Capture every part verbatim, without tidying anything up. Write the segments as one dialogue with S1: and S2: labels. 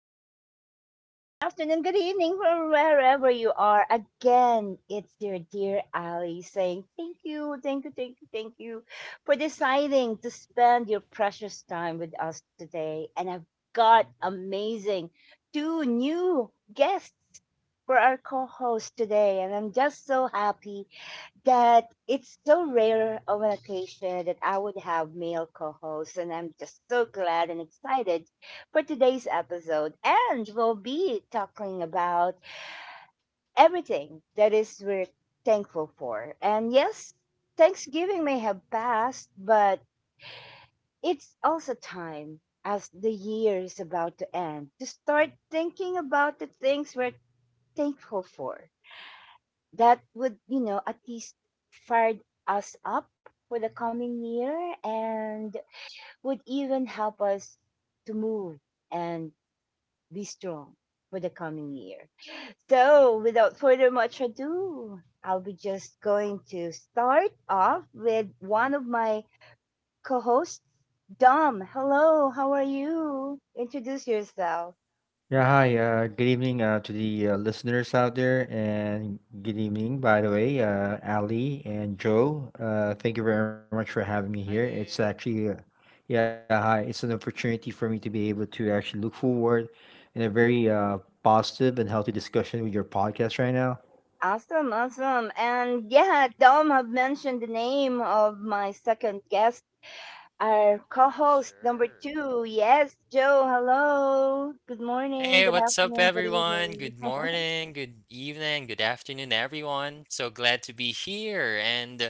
S1: hello. Good morning, good afternoon, good evening from wherever you are. Again, it's your dear Ali saying thank you, thank you, thank you, thank you for deciding to spend your precious time with us today. And I've got amazing two new guests for our co host today. And I'm just so happy that it's so rare of an occasion that I would have male co-hosts, and I'm just so glad and excited for today's episode. And we'll be talking about everything that is we're thankful for. And yes, Thanksgiving may have passed, but it's also time as the year is about to end to start thinking about the things we're thankful for that would, you know, at least fire us up for the coming year and would even help us to move and be strong for the coming year. So, without further much ado, I'll be just going to start off with one of my co hosts, Dom. Hello, how are you? Introduce yourself.
S2: Yeah, hi. Uh, good evening uh, to the uh, listeners out there, and good evening, by the way, uh, Ali and Joe. Uh, thank you very much for having me here.
S3: Hi
S2: It's
S3: there.
S2: actually, uh, yeah, hi. It's an opportunity for me to be able to actually look forward in a very uh, positive and healthy discussion with your podcast right now.
S1: Awesome, awesome. And yeah, Dom have mentioned the name of my second guest our co-host number
S3: Sure.
S1: two. Yes, Joe. Hello. Good morning.
S3: Hey,
S1: Good
S3: what's up,
S1: afternoon. Good
S3: everyone?
S1: evening.
S3: Good morning, good evening, good afternoon, everyone. So glad to be here, and uh,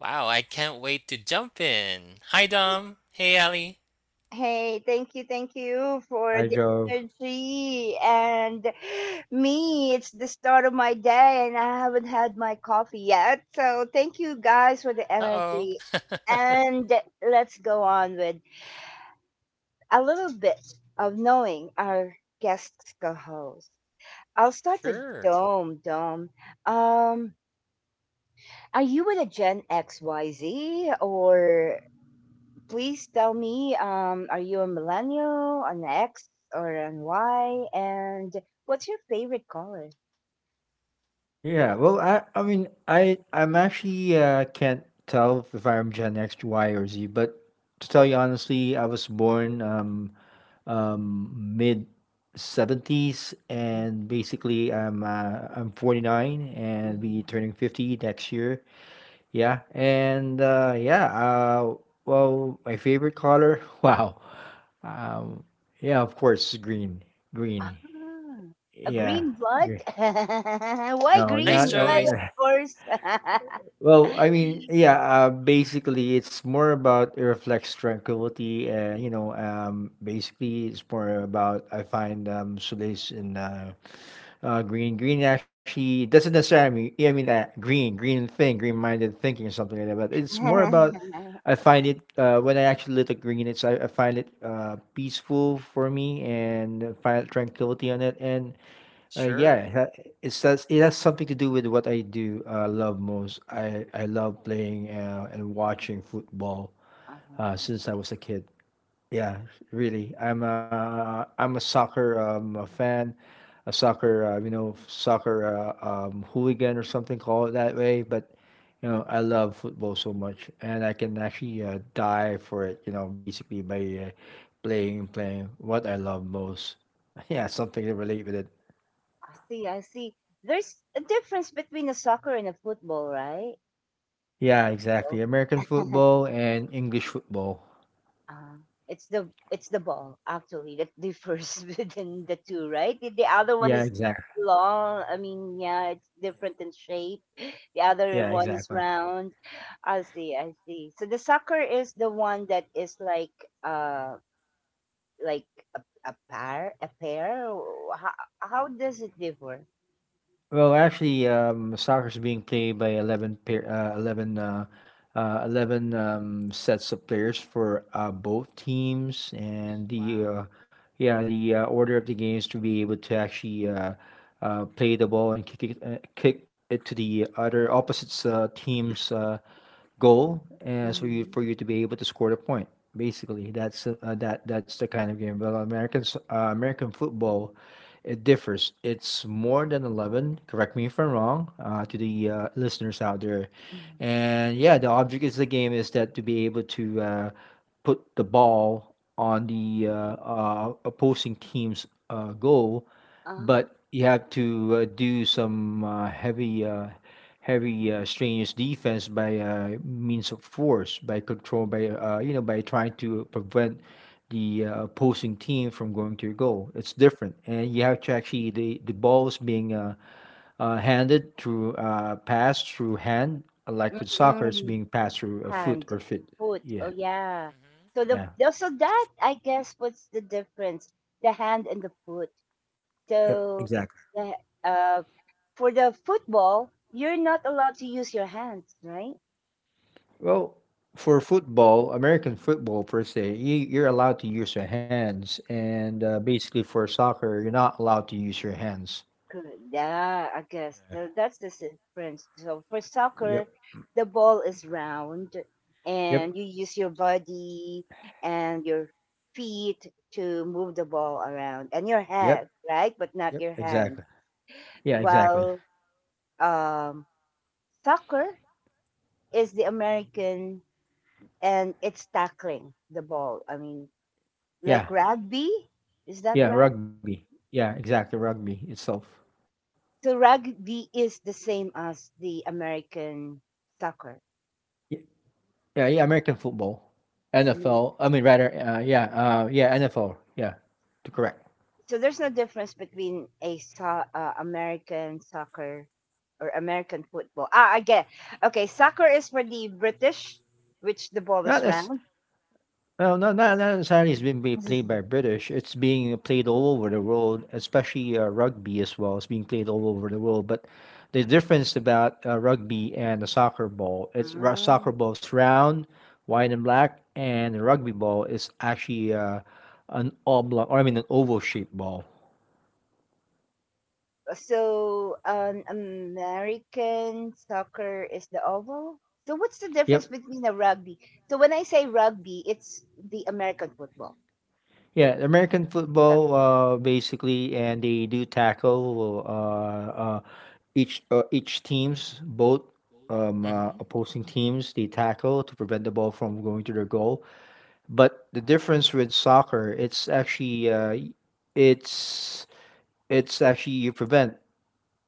S3: wow, I can't wait to jump in. Hi, Dom. Hey, Ali.
S1: Hey, thank you, thank you for
S2: Hi,
S1: the
S2: Joe.
S1: energy and me. It's the start of my day, and I haven't had my coffee yet. So thank you guys for the
S3: Uh
S1: energy,
S3: oh.
S1: and let's go on with a little bit of knowing our guest co-host. I'll start with
S3: Sure.
S1: Dome. Dome. Um, Are you with a Gen X Y Z or please tell me um are you a millennial, an X or an Y and what's your favorite color?
S2: Yeah. Well, I, I mean, I, I'm actually uh, can't tell if I'm Gen X, Y, or Z, but to tell you honestly, I was born. Um, um, Mid seventies,
S1: Mm,
S2: and basically I'm uh, I'm forty-nine and be
S1: mhm.
S2: turning fifty next year. Yeah, and uh, yeah, uh, well, my favorite color, wow, um, yeah, of course, green, green.
S1: Ah, a
S2: Yeah,
S1: green blood?
S2: green.
S1: Why
S2: No,
S3: Nice
S1: green?
S2: not, not
S1: Why
S3: choice.
S1: of
S2: uh,
S1: course?
S2: well, I mean, yeah, uh, basically it's more about it reflects tranquility, and you know, um basically it's more about I find um solace in uh Uh, green. Green actually doesn't necessarily mean, yeah, I mean, uh, green, green thing, green minded thinking or something like that. But it's more about, I find it, uh, when I actually look at green, it's, I, I find it uh, peaceful for me, and I find tranquility on it. And uh, yeah,
S3: Sure.
S2: it ha- it says it has something to do with what I do uh, love most. I, I love playing uh, and watching football
S1: Uh-huh.
S2: uh, since I was a kid. Yeah, really. I'm a I'm a soccer um a fan, a soccer uh, you know soccer uh, um hooligan or something. Call it that way, but you know I love football so much, and I can actually uh, die for it. You know, basically by uh, playing playing what I love most. Yeah, something to relate with it.
S1: I see, I see. There's a difference between a soccer and a football, right?
S2: Yeah, exactly.
S1: Well,
S2: American football and English football.
S1: Uh, it's the it's the ball actually that differs within the two, right? The, the other one
S2: Yeah,
S1: is
S2: exactly.
S1: long. I mean, yeah, it's different in shape. The
S2: Yeah,
S1: other one
S2: exactly.
S1: is round. I see, I see. So the soccer is the one that is like uh like a, a pair, a pair. How, how does it differ?
S2: Well, actually, um, soccer is being played by eleven pair, uh, eleven, uh, uh, eleven um, sets of players for uh, both teams, and the
S3: Wow.
S2: uh, yeah, the uh, order of the games to be able to actually uh, uh, play the ball and kick it, uh, kick it to the other opposite uh, team's uh, goal, uh, so you,
S1: Mm-hmm.
S2: for you to be able to score the point. Basically, that's uh, uh, that that's the kind of game. But American s- uh, American football, it differs. It's more than eleven. Correct me if I'm wrong. Uh, to the uh, listeners out there,
S1: Mm-hmm.
S2: and yeah, the object is the game is that to be able to uh, put the ball on the uh, uh, opposing team's uh, goal,
S1: Ah,
S2: but you have to uh, do some uh, heavy, uh, heavy uh, strenuous defense by uh, means of force, by control, by uh, you know, by trying to prevent the uh, opposing team from going to your goal. It's different, and you have to actually the the ball is being uh, uh, handed through uh, passed through hand, like with soccer, it's
S1: mm-mm.
S2: being passed through a foot
S1: Hand,
S2: or feet.
S1: foot, oh
S2: Yeah,
S1: yeah.
S3: Mm-hmm.
S1: So the
S2: yeah,
S1: the- so that, I guess what's the difference, the hand and the foot.
S2: yep,
S1: So
S2: exactly.
S1: the, uh for the football you're not allowed to use your hands, right?
S2: Well, for football, American football per se, you, you're allowed to use your hands, and uh, basically for soccer, you're not allowed to use your hands.
S1: Good, yeah, I guess so. That's the difference. So for soccer
S2: Yep,
S1: the ball is round and
S2: yep,
S1: you use your body and your feet to move the ball around and your
S2: yep,
S1: head, right, but not
S2: yep.
S1: your hand.
S2: Exactly. Yeah, exactly.
S1: While um, soccer is the American and it's tackling the ball. I mean,
S2: Yeah,
S1: like rugby, is that
S2: yeah.
S1: right?
S2: Rugby. Yeah, exactly. Rugby itself.
S1: So rugby is the same as the American soccer.
S2: Y- Yeah, yeah. American football,
S1: I mean,
S2: N F L. I mean, rather, uh, yeah, uh, yeah, N F L. Yeah, to correct.
S1: so there's no difference between a so- uh, American soccer or American football. Ah, I get. Okay, soccer is for the British, which the ball
S2: Not
S1: is
S2: as
S1: round.
S2: Well, not not not necessarily it's being be- played by British. It's being played all over the world, especially uh, rugby as well. It's being played all over the world. But the difference about uh, rugby and a soccer ball, it's ru- soccer ball's round, white and black, and the rugby ball is actually uh, an oblong, or I mean an oval shaped ball.
S1: So, an American soccer is the oval. So, what's the difference
S2: Yep.
S1: between the rugby? So, when I say rugby, it's the American football.
S2: Yeah, American
S1: So,
S2: football, uh, basically, and they do tackle. Uh, uh, each uh, each teams, both um, uh,
S3: Mm-hmm.
S2: opposing teams, they tackle to prevent the ball from going to their goal, but the difference with soccer, it's actually uh, y- it's it's actually you prevent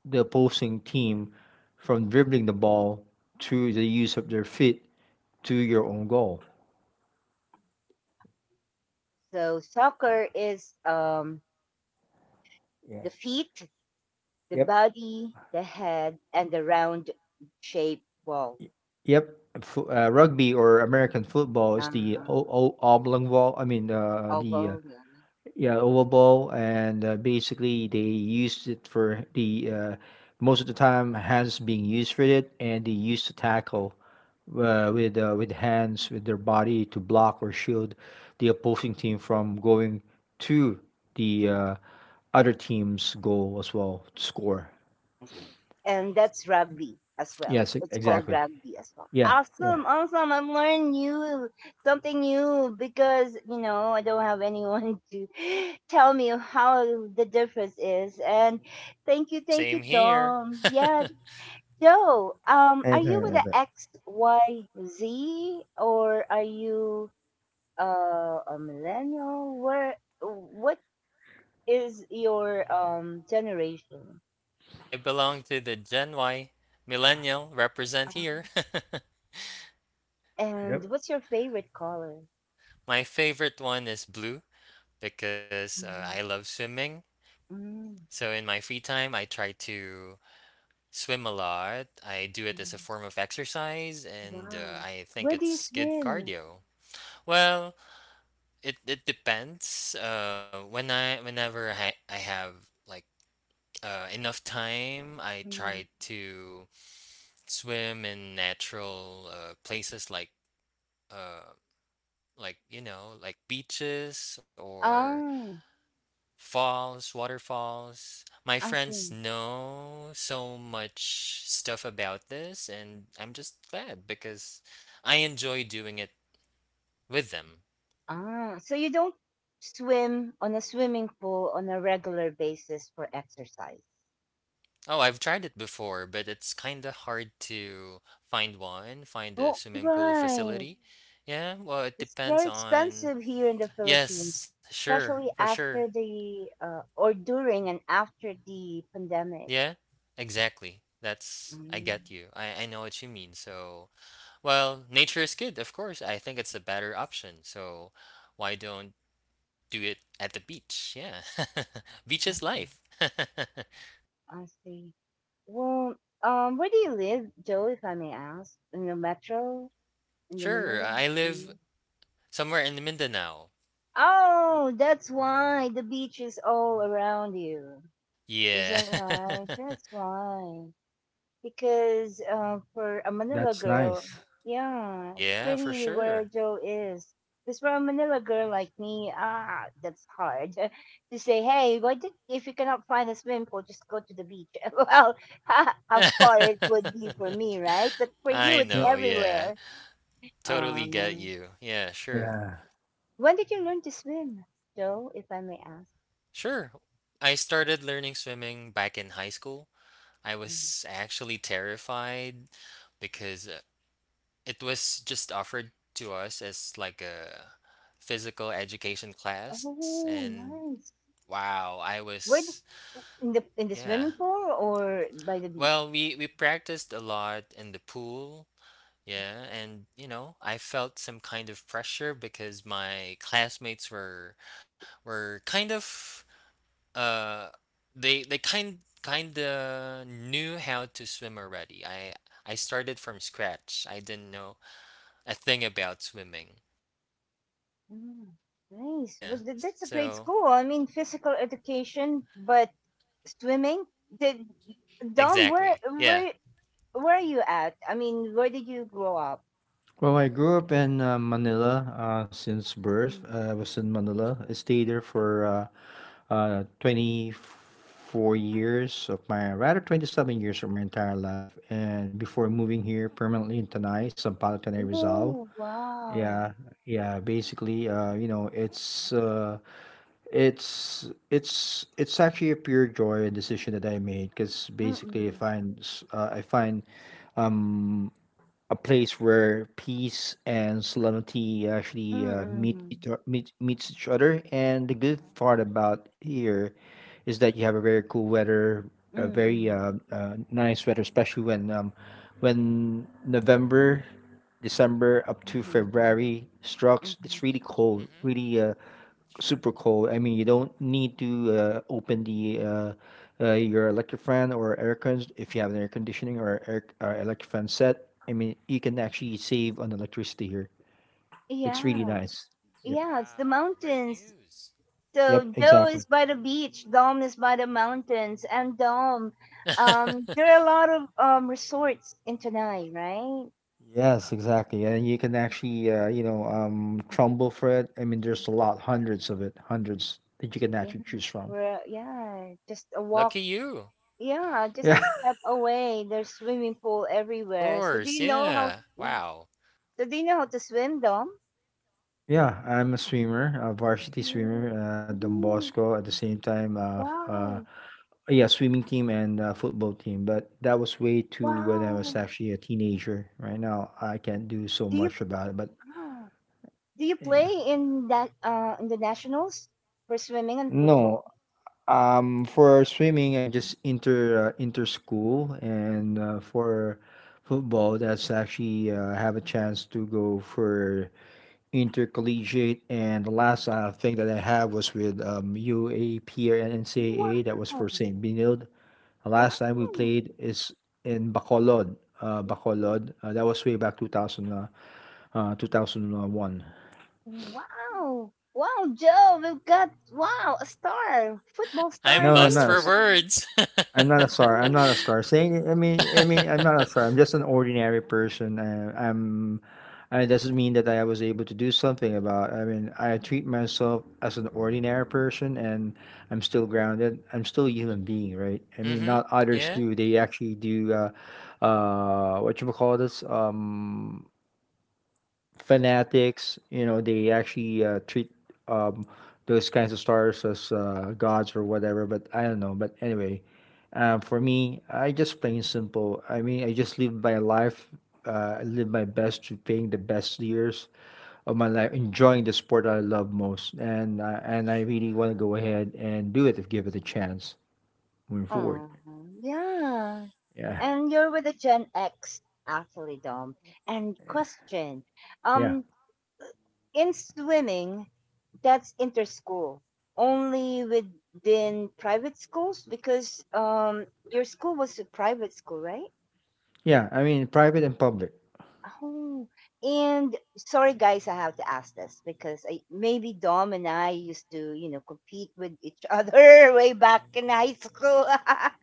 S2: the opposing team from dribbling the ball through the use of their feet to your own goal.
S1: so soccer is um,
S2: yeah
S1: the feet, the
S2: yep
S1: body, the head, and the round shaped ball.
S2: yep Fo- uh, rugby or American football is the
S1: Ah,
S2: o- o- oblong ball, i mean uh, the uh,
S1: oval, yeah.
S2: yeah oval ball, and uh, basically they used it for the uh, most of the time, hands being used for it, and they used to tackle uh, with uh, with hands, with their body, to block or shield the opposing team from going to the uh, other team's goal as well to score.
S1: I see. And
S3: Nice.
S1: that's rugby as well.
S2: Yes e-
S1: It's called
S2: exactly.
S1: rugby as well.
S2: yeah
S1: Awesome,
S2: yeah
S1: awesome. I'm learning new something new because you know I don't have anyone to tell me how the difference is. And thank you, thank
S3: Same
S1: you,
S3: here.
S1: Dom. Yeah, Joe. Um, are
S2: and
S1: you with
S2: uh,
S1: the
S2: the-
S1: X Y Z or are you uh a millennial? Where what is your um generation?
S3: I belong to the Gen Y millennial represent here.
S2: yep
S1: And what's your favorite color?
S3: My favorite one is blue, because uh, I
S1: Hmm.
S3: love swimming.
S1: Mm-hmm.
S3: So in my free time, I try to swim a lot. I do it as a form of exercise, and uh,
S1: Wow.
S3: I think
S1: Where do you
S3: it's good
S1: swim?
S3: cardio. Well, it it depends. Uh, when I whenever I I have like uh, enough time, I try
S1: Mm-hmm.
S3: to swim in natural uh, places like uh like you know like beaches or
S1: Oh,
S3: falls, waterfalls. My
S1: I
S3: friends
S1: see.
S3: know so much stuff about this, and I'm just glad because I enjoy doing it with them.
S1: Ah, so you don't swim on a swimming pool on a regular basis for exercise.
S3: Oh, I've tried it before, but it's kind of hard to find one, find a
S1: Oh,
S3: swimming pool
S1: right.
S3: facility. Yeah, well, it
S1: It's
S3: depends
S1: very
S3: on.
S1: expensive here in the Philippines,
S3: Yes, sure, for
S1: especially
S3: sure.
S1: after the uh, or during and after the pandemic.
S3: Yeah, exactly. That's. I
S1: Mm,
S3: get you. I, I know what you mean, so. Well, nature is good, of course. I think it's a better option. So why don't do it at the beach? Yeah. Beach is
S1: I
S3: life.
S1: see. I see. Well, um, where do you live, Joe, if I may ask? In the metro? In the
S3: Sure,
S1: Manila
S3: I live
S1: area?
S3: somewhere in Mindanao.
S1: Oh, that's why the beach is all around you. Is
S3: Yeah.
S1: that right? That's why. Because uh, for a Manila
S2: that's
S1: girl,
S2: nice
S1: yeah, it's
S3: Yeah, for
S1: pretty where
S3: sure.
S1: Joe is. Because for a Manila girl like me, ah, that's hard to say. Hey, why did, if you cannot find a swimming pool, just go to the beach. Well, how far it would be for me, right? But for you,
S3: I
S1: it's
S2: yep
S3: know, yeah.
S1: everywhere.
S3: Totally get
S1: Um,
S3: you. Yeah, sure.
S2: yeah
S1: when did you learn to swim, Joe? If I may ask.
S3: Sure. I started learning swimming back in high school. I
S1: Mhm.
S3: was actually terrified because uh, it was just offered to us as like a physical education class,
S1: Oh,
S3: and
S1: nice.
S3: wow, I
S1: Where
S3: was
S1: did, in the in the
S3: yeah.
S1: swimming pool or by the beach?
S3: Well, we we practiced a lot in the pool, yeah, and you know, I felt some kind of pressure because my classmates were were kind of uh they they kind kind of knew how to swim already. I I started from scratch. I didn't know a thing about swimming.
S1: Mm, nice.
S3: Yeah,
S1: Was that, that's a
S3: so
S1: great school. I mean, physical education, but swimming. Did Dom, where
S3: exactly. Yeah.
S1: where where are you at? I mean, where did you grow up?
S2: Well, I grew up in uh, Manila uh, since birth.
S1: Mm.
S2: Uh, I was in Manila. I stayed there for uh, uh, twenty-four years of my, rather twenty-seven years of my entire life. And before moving here permanently in Tanay, Sampaloc, Tanay, Rizal.
S1: Oh wow.
S2: Yeah, yeah. Basically, uh, you know, it's uh, it's it's it's actually a pure joy decision that I made because basically, I
S1: Mm-mm.
S2: find s- uh, I find um a place where peace and solemnity actually uh, meet
S1: Mm-mm.
S2: each, o- meet meets each other. And the good part about here is that you have a very cool weather, a very
S1: Mm-mm.
S2: uh, uh, nice weather, especially when um, when November, December up to
S1: Mm-hmm. Mm-hmm.
S2: February strikes.
S1: Mm-hmm.
S2: It's really cold,
S3: Mm-hmm.
S2: really uh,
S3: Sure.
S2: super cold. I mean, you don't need to uh, open the uh, uh, your electric fan or air cons if you have an air conditioning or air uh, electric fan set. I mean, you can actually save on electricity here. It's really
S1: Yeah,
S2: nice. Yep.
S1: yeah. It's the
S3: Wow. Great
S1: mountains.
S3: news.
S2: Yep.
S1: So Joe
S2: Exactly.
S1: is by the beach. Dom is by the mountains, and Dom, um, there are a lot of um resorts in Tanai, right?
S2: Yes. Exactly. And you can actually, uh, you know, um, trumble for it. I mean, there's a lot, hundreds of it, hundreds that you can
S1: Yeah,
S2: actually choose from.
S1: where, yeah, just a
S3: Lucky
S1: walk.
S3: you.
S1: Yeah, just
S2: Yeah.
S1: a step away. There's swimming pool
S3: Of
S1: everywhere. So
S3: course.
S1: do you know
S3: Yeah.
S1: how? Yeah.
S3: Wow.
S1: So do you know how to swim, Dom?
S2: Yeah. I'm a swimmer, a varsity
S1: Mm,
S2: swimmer, uh, Don
S1: mm,
S2: Bosco. At the same time, uh, f- uh,
S1: wow!
S2: yeah, swimming team and uh, football team. But that was way too when I was
S1: Wow!
S2: actually a teenager. Right now, I can't do so
S1: Do you
S2: much about it. But
S1: wow. Do you play
S2: yeah.
S1: in that uh in the nationals for swimming and football?
S2: No, Um, for swimming, I just inter uh, inter school, and uh, for football, that's actually uh, have a chance to go for intercollegiate. And the last uh, thing that I have was with um, U A P or N C A A. That was
S1: Wow!
S2: for Saint Benilde. The last time we
S1: Wow!
S2: played is in Bacolod. Uh, Bacolod. Uh, that was way back two thousand, uh, uh, two thousand one.
S1: Wow! Wow, Joe, we've got wow a star, football star
S3: I'm
S2: No, I'm
S3: lost for
S2: not.
S1: here.
S3: words.
S2: I'm not a star.
S3: Mm-hmm.
S2: I'm not a star. Saying, I mean, I mean, I'm not a star. I'm just an ordinary person. Uh, I'm. Uh, It doesn't mean that I was able to do something about. I mean, I treat myself as an ordinary person, and I'm still grounded. I'm still a human being, right? I mean, not others
S3: Yeah.
S2: do. They actually do. Uh, uh, what you call this? Um, fanatics. You know, they actually uh, treat um those kinds of stars as uh, gods or whatever. But I don't know. But anyway um, for me, I just plain simple. I mean, I just live my life. Uh, I live my best to paying the best years of my life, enjoying the sport that I love most, and uh, and I really
S3: Sure.
S2: want to go ahead and do it if give it a chance moving forward.
S1: Oh, yeah.
S2: Yeah,
S1: And you're with a Gen X, actually, Dom. And question,
S2: yeah,
S1: um, in swimming, that's inter-school, only within private schools because um, your school was a private school, right?
S2: yeah. I mean, private and public.
S1: Oh, and sorry, guys, I have to ask this because I, maybe Dom and I used to, you know, compete with each other way back in high school.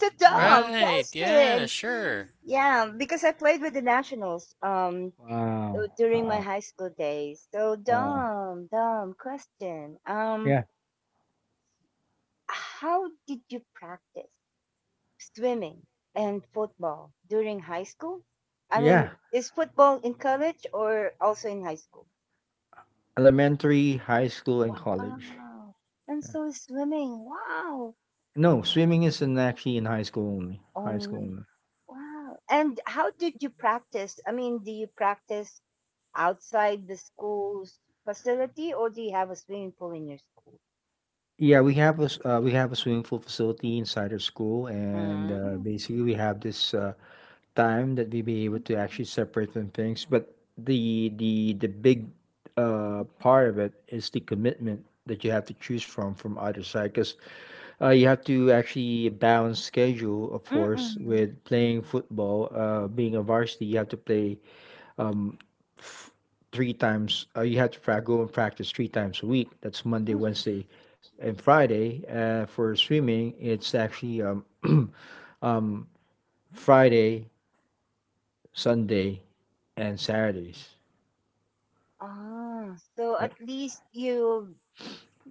S1: To
S2: Uh,
S1: Dom,
S3: Right. Yeah.
S1: question.
S3: Sure.
S1: Yeah, because I played with the Nationals um
S2: wow,
S1: uh, during my
S2: wow,
S1: high school days. So
S2: wow.
S1: dumb, dumb question. Um,
S2: Yeah,
S1: how did you practice swimming and football during high school? I
S2: yeah.
S1: mean, is football in college or also in high school?
S2: Elementary, high school, and college.
S1: Wow. And
S2: Yeah.
S1: so is swimming. Wow.
S2: No, swimming is in actually in high school only. High school
S1: Oh,
S2: only.
S1: wow. And how did you practice? I mean, do you practice outside the school's facility, or do you have a swimming pool in your school?
S2: Yeah, we have a s- uh, we have a swimming pool facility inside our school, and
S1: Mm.
S2: uh, basically we have this uh, time that we be able to actually separate from things. But the the the big uh, part of it is the commitment that you have to choose from, from either side, because uh, you have to actually balance schedule, of course,
S1: Mm-mm.
S2: with playing football. Uh, being a varsity, you have to play um, f- three times. Uh, you have to pra- go and practice three times a week. That's Monday,
S1: Mm-mm.
S3: Mm-hmm.
S2: Wednesday, and Friday. Uh, for swimming, it's actually um, um, Friday, Sunday, and Saturdays.
S1: Ah, so
S2: Yeah,
S1: at least you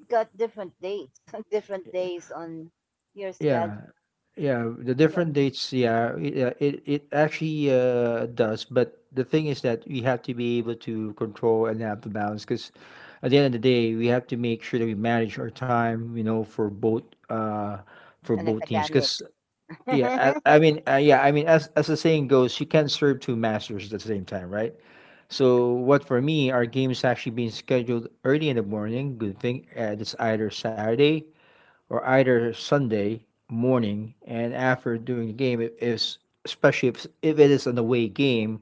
S1: got different dates, different days on your schedule
S2: yeah, yeah. The different dates. Yeah, it uh, it, it actually uh, does. But the thing is that we have to be able to control and have the balance, because at the end of the day, we have to make sure that we manage our time, you know, for both uh for
S1: and
S2: both teams.
S1: academic.
S2: Because yeah,
S1: The
S2: I, I mean, uh, yeah, I mean, as as the saying goes, you can't serve two masters at the same time, right? So what for me, our games actually being scheduled early in the morning. Good thing uh, it's either Saturday or either Sunday morning, and after doing the game, if if especially if if it is an away game.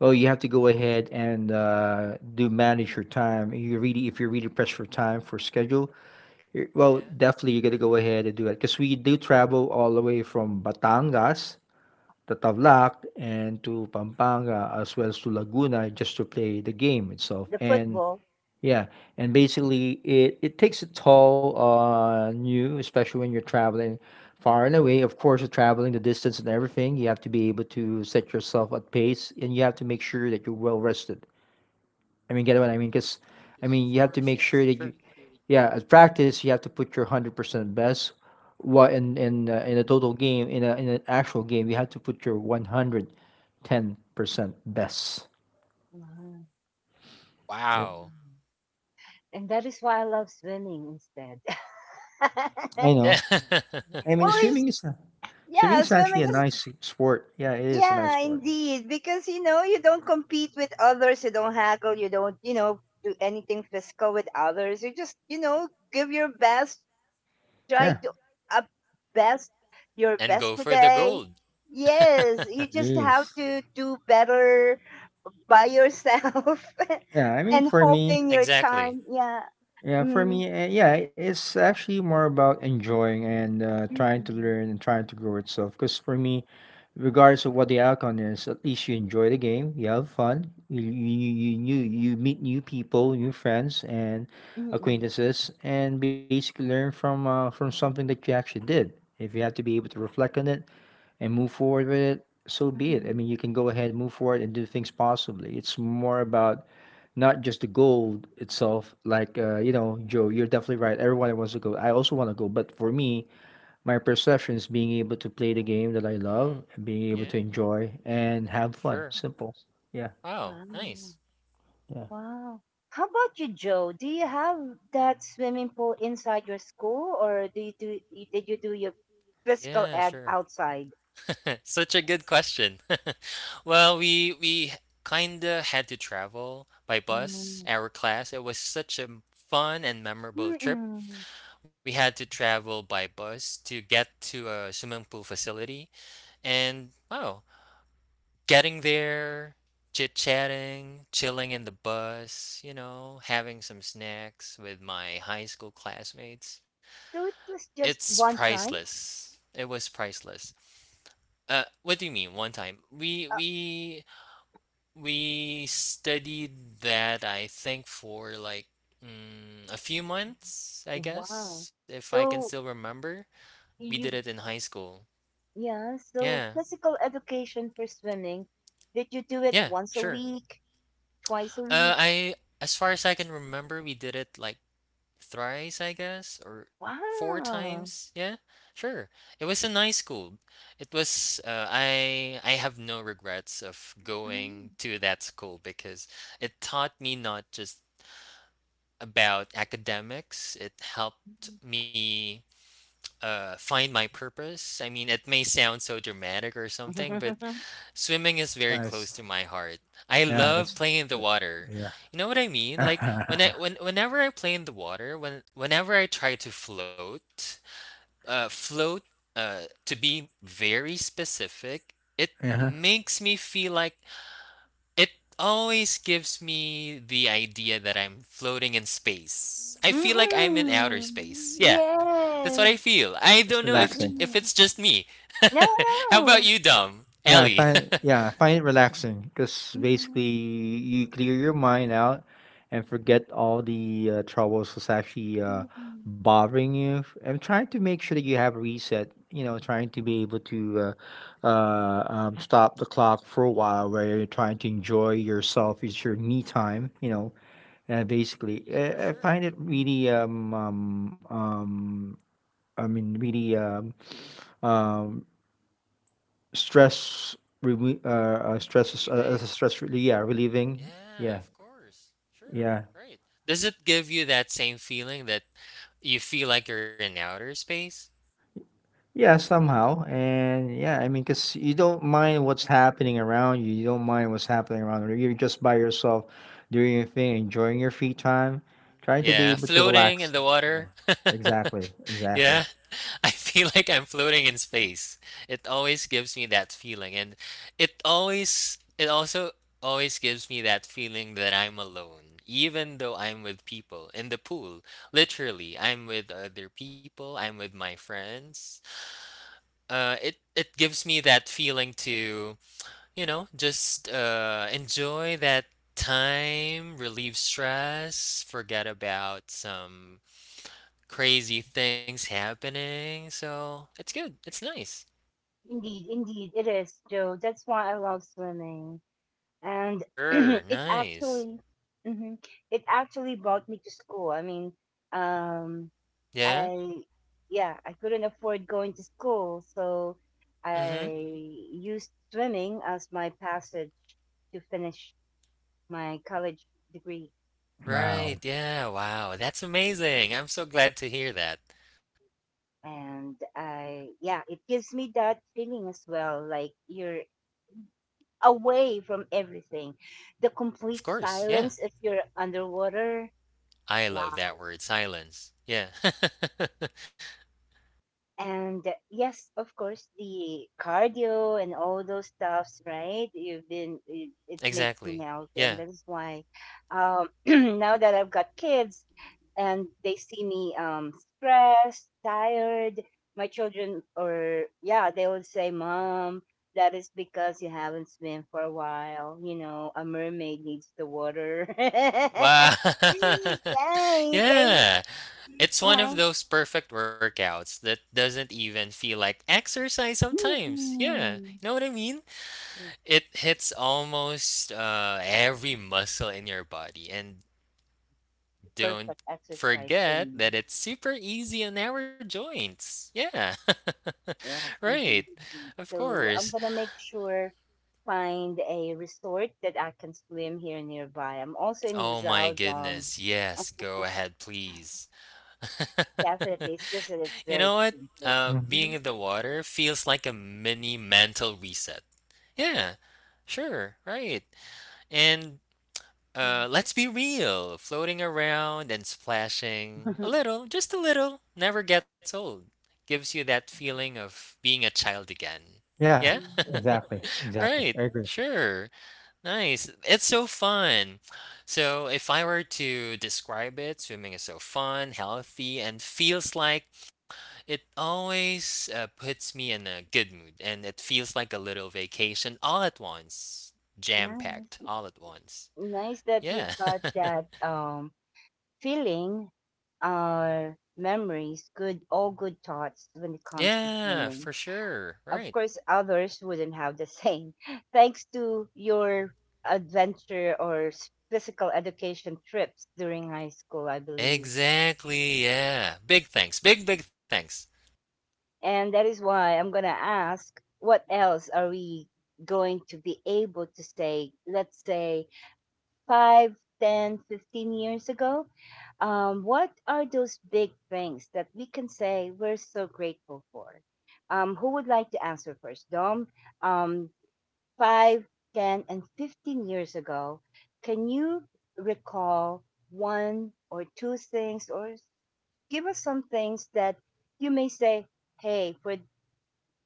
S2: Well, you have to go ahead and uh, do manage your time. You really, if you're really pressed for time for schedule, you're, well,
S3: Yeah.
S2: definitely you got to go
S3: Mm-hmm.
S2: ahead and do it because we do travel all the way from Batangas to Tavlac and to Pampanga as well as to Laguna just to play the game itself. And
S1: football.
S2: yeah, and basically it it takes a toll on you, especially when you're traveling far and away. Of course, you're traveling the distance and everything. You have to be able to set yourself at pace, and you have to make sure that you're well rested. I mean, get what I mean? Because I
S3: Of
S2: mean, you have
S3: course.
S2: to make
S3: Yes.
S2: sure that
S3: Sure.
S2: you, yeah, at practice you have to put your hundred percent best. What in in uh, in a total game, in a in an actual game, you have to put your one hundred ten percent best.
S1: Mhm.
S3: Wow.
S1: And that is why I love swimming instead.
S2: I
S3: Yeah.
S2: know. I
S1: Well,
S2: mean,
S1: it's,
S2: swimming is a, swimming
S1: yeah,
S2: is actually
S1: swimming.
S2: a nice sport. Yeah, it is a nice
S1: Yeah,
S2: sport.
S1: indeed. Because you know, you don't compete with others, you don't haggle, you don't, you know, do anything physical with others. You just, you know, give your best,
S2: Yeah.
S1: try to up best your
S3: And
S1: best
S3: go for the
S1: today.
S3: gold.
S1: Yes, you just have
S2: Yes.
S1: to do better by yourself
S2: Yeah. I mean,
S1: and
S2: for me,
S1: hoping your
S3: Exactly.
S1: time. Yeah.
S2: yeah, for
S1: Mm.
S2: me, uh, yeah, it's actually more about enjoying and uh, trying to
S1: Mm-mm.
S2: learn and trying to grow itself. Because for me, regardless of what the outcome is, at least you enjoy the game. You have fun. You you you you, you meet new people, new friends, and
S1: Mm-mm.
S2: acquaintances, and basically learn from uh, from something that you actually did. If you have to be able to reflect on it and move forward with it, so be it. I
S1: Mm-mm.
S2: mean, you can go ahead, move forward, and do things possibly. It's more about not just the goal itself. Like, uh, you know, Joe, you're definitely right. Everyone wants to go. I also want to go. But for me, my perception is being able to play the game that I love,
S3: Hmm.
S2: and being
S1: mm
S2: able
S1: mm,
S2: to
S3: Yeah.
S1: mm,
S2: enjoy and have fun.
S3: Sure.
S2: Simple. Yeah.
S3: Wow.
S1: mm. Wow.
S3: Nice.
S2: Yeah.
S1: Wow. How about you, Joe? Do you have that swimming pool inside your school, or do you do y- did you do your physical
S3: Yeah.
S1: ed
S3: Sure.
S1: outside?
S3: Such a good question. Well, we we kinda had to travel by bus.
S1: Mm.
S3: Our class. It was such a fun and memorable trip.
S1: Mm-mm.
S3: We had to travel by bus to get to a swimming pool facility, and wow, getting there, chit chatting, chilling in the bus, you know, having some snacks with my high school classmates.
S1: So it was just
S3: It's
S1: one time.
S3: priceless. It was priceless. Uh, what do you mean? One time we
S1: Uh,
S3: we we studied that I think for like mm, a few months, I
S1: wow.
S3: guess, if I can still
S1: So
S3: remember. We did
S1: you
S3: it in high school.
S1: yeah. So
S3: Yeah,
S1: physical education for swimming. Did you do it
S3: yeah,
S1: once a
S3: sure.
S1: week, twice a
S3: Uh,
S1: week?
S3: I as far as I can remember, we did it like thrice, I guess, or four
S1: Wow.
S3: times. Yeah, sure. It was a nice school. It was. Uh, I I have no regrets of going
S1: Mm.
S3: to that school because it taught me not just about academics. It helped me uh, find my purpose. I mean, it may sound so dramatic or something, but swimming is
S2: That's
S3: very close
S2: nice.
S3: to my heart. I
S2: Yeah,
S3: love
S2: that's the-
S3: playing in the water. You know what I mean? Like
S2: yeah.
S3: when I when whenever I play in the water, when whenever I try to float, uh, float. Uh, to be very specific, it
S2: yeah.
S3: makes me feel like it always gives me the idea that I'm floating in space. I feel like I'm in outer
S1: Mm-mm.
S3: space. Yeah, that's what I
S1: Yes.
S3: feel. I don't know
S2: It's
S3: if j-
S2: relaxing.
S3: if it's
S1: Mm.
S3: just me.
S1: No,
S3: How about you,
S1: no.
S3: Dom?
S2: Yeah, I
S3: Ellie?
S2: find yeah, I find it relaxing because
S1: Mm,
S2: basically you clear your mind out and forget all the uh, troubles that's actually uh,
S1: mm.
S2: bothering you. I'm trying to make sure that you have a reset. You know, trying to be able to uh, uh, um, stop the clock for a while, where you're trying to enjoy yourself. It's your me time. You know, uh, basically,
S3: For
S2: uh, I
S3: sure.
S2: find it really um um um I mean really um um Stress reme uh, uh, stress uh, as a
S3: Relieving?
S2: stress relief, yeah, relieving.
S3: Yeah,
S2: Yeah.
S3: of course. Sure.
S2: Yeah.
S3: Right. Does it give you that same feeling that you feel like you're in outer space?
S2: Yeah, somehow. And yeah, I mean, cause you don't mind what's happening around you. You don't mind what's happening around you. You're just by yourself doing your thing, enjoying your free time, trying to be
S3: Yeah,
S2: able to
S3: floating in
S2: relax.
S3: the water.
S2: Exactly. Exactly.
S3: Yeah, I feel like I'm floating in space. It always gives me that feeling, and it always, it also always gives me that feeling that I'm alone, even though I'm with people in the pool. Literally, I'm with other people, I'm with my friends. Uh, it it gives me that feeling to, you know, just uh enjoy that time, relieve stress, forget about some crazy things happening, so it's good. It's nice.
S1: Indeed, indeed, it is, Joe. That's why I love swimming. And
S3: Sure,
S1: it
S3: nice.
S1: actually, mhm, it actually brought me to school. I mean, um,
S3: Yeah?
S1: I, yeah, I couldn't afford going to school, so
S3: Mm-hmm.
S1: I used swimming as my passage to finish my college degree.
S3: Right,
S2: Wow.
S3: yeah, wow, that's amazing. I'm so glad to hear that.
S1: And I, yeah, it gives me that feeling as well, like you're away from everything. The
S3: Of
S1: complete
S3: course, yeah.
S1: silence if you're underwater.
S3: I love
S1: Wow.
S3: that word, silence. Yeah.
S1: And yes, of course, the cardio and all those stuffs, right? You've been, it, it makes
S3: Exactly.
S1: me healthy.
S3: Yeah.
S1: And that is why um, now that I've got kids and they see me um, stressed, tired, my children, or yeah, they would say, Mom, that is because you haven't swim for a while. You know, a mermaid needs the water.
S3: Wow.
S1: Yay, they,
S3: Yeah. It's one of
S1: right?
S3: those perfect workouts that doesn't even feel like exercise sometimes. Yeah. You
S1: Mm-mm.
S3: know what I mean? It hits almost uh, every muscle in your body. And don't
S1: Perfect exercise for
S3: forget
S1: me.
S3: that it's super easy on our joints. Yeah.
S1: Yes,
S3: Right.
S1: indeed, indeed.
S3: Of
S1: So
S3: course.
S1: I'm gonna make sure find a resort that I can swim here nearby. I'm also in
S3: Oh
S1: Rizal.
S3: my
S1: Um,
S3: goodness. Yes. Go ahead, please.
S1: definitely, it's just that it's
S3: You
S1: very
S3: know what?
S1: expensive.
S3: Uh,
S2: Mhm.
S3: being
S1: Mhm.
S3: in the water feels like a mini mental reset. Yeah. Sure. Right. And Uh, let's be real. Floating around and splashing a little, just a little, never gets old. Gives you that feeling of being a child again.
S2: Yeah,
S3: Yeah?
S1: Mm.
S2: exactly. Exactly.
S3: Right.
S2: I agree.
S3: Sure. Nice. It's so fun. So, if I were to describe it, swimming is so fun, healthy, and feels like it always uh, puts me in a good mood. And it feels like a little vacation all at once, jam packed
S1: Nice,
S3: all at once.
S1: nice that you've
S3: Yeah.
S1: got that um feeling. Our memories, good, all good thoughts when it comes to
S3: Yeah,
S1: swimming.
S3: for sure.
S1: Of
S3: Right.
S1: course, others wouldn't have the same. Thanks to your adventure or s- physical education trips during high school, I believe.
S3: Exactly. Yeah. Big thanks. Big, big thanks.
S1: And that is why I'm going to ask what else are we going to be able to say, let's say, five, ten, fifteen years ago? Um, what are those big things that we can say we're so grateful for? Um, who would like to answer first? Dom, um, five, ten, and fifteen years ago, can you recall one or two things, or give us some things that you may say, hey, for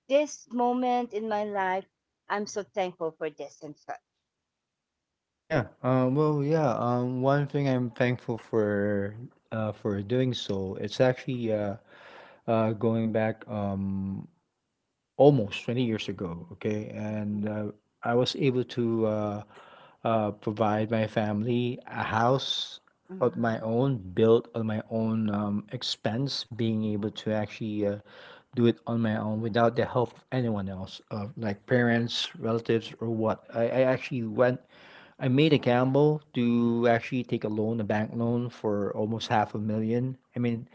S1: this moment in my life, I'm so thankful for this and such?
S2: Yeah. Um, well, yeah. Um, one thing I'm thankful for uh, for doing so, it's actually uh, uh, going back um, almost twenty years ago. Okay.
S1: Mhm.
S2: And uh, I was able to uh, uh, provide my family a house of
S1: Mhm.
S2: my own, built on my own um, expense, being able to actually uh, do it on my own without the help of anyone else, uh, like parents, relatives, or what. I, I actually went. I made a
S3: Wow.
S2: gamble to actually take a loan, a bank loan for almost half a million. I mean,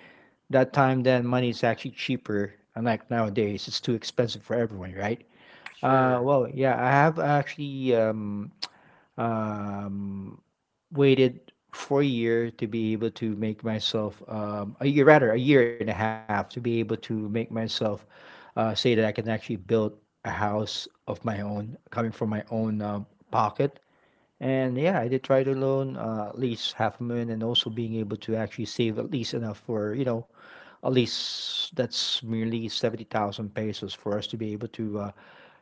S2: that time then money is actually cheaper, unlike nowadays, it's too expensive for everyone, right? uh
S3: Sure.
S2: well yeah, I have actually um um waited for a year to be able to make myself, um a year, rather, a year and a half to be able to make myself uh say that I can actually build a house of my own coming from my own um pocket. And yeah, I did try to loan uh, at least half a million and also being able to actually save at least enough for, you know, at least that's merely seventy thousand pesos for us to be able to uh,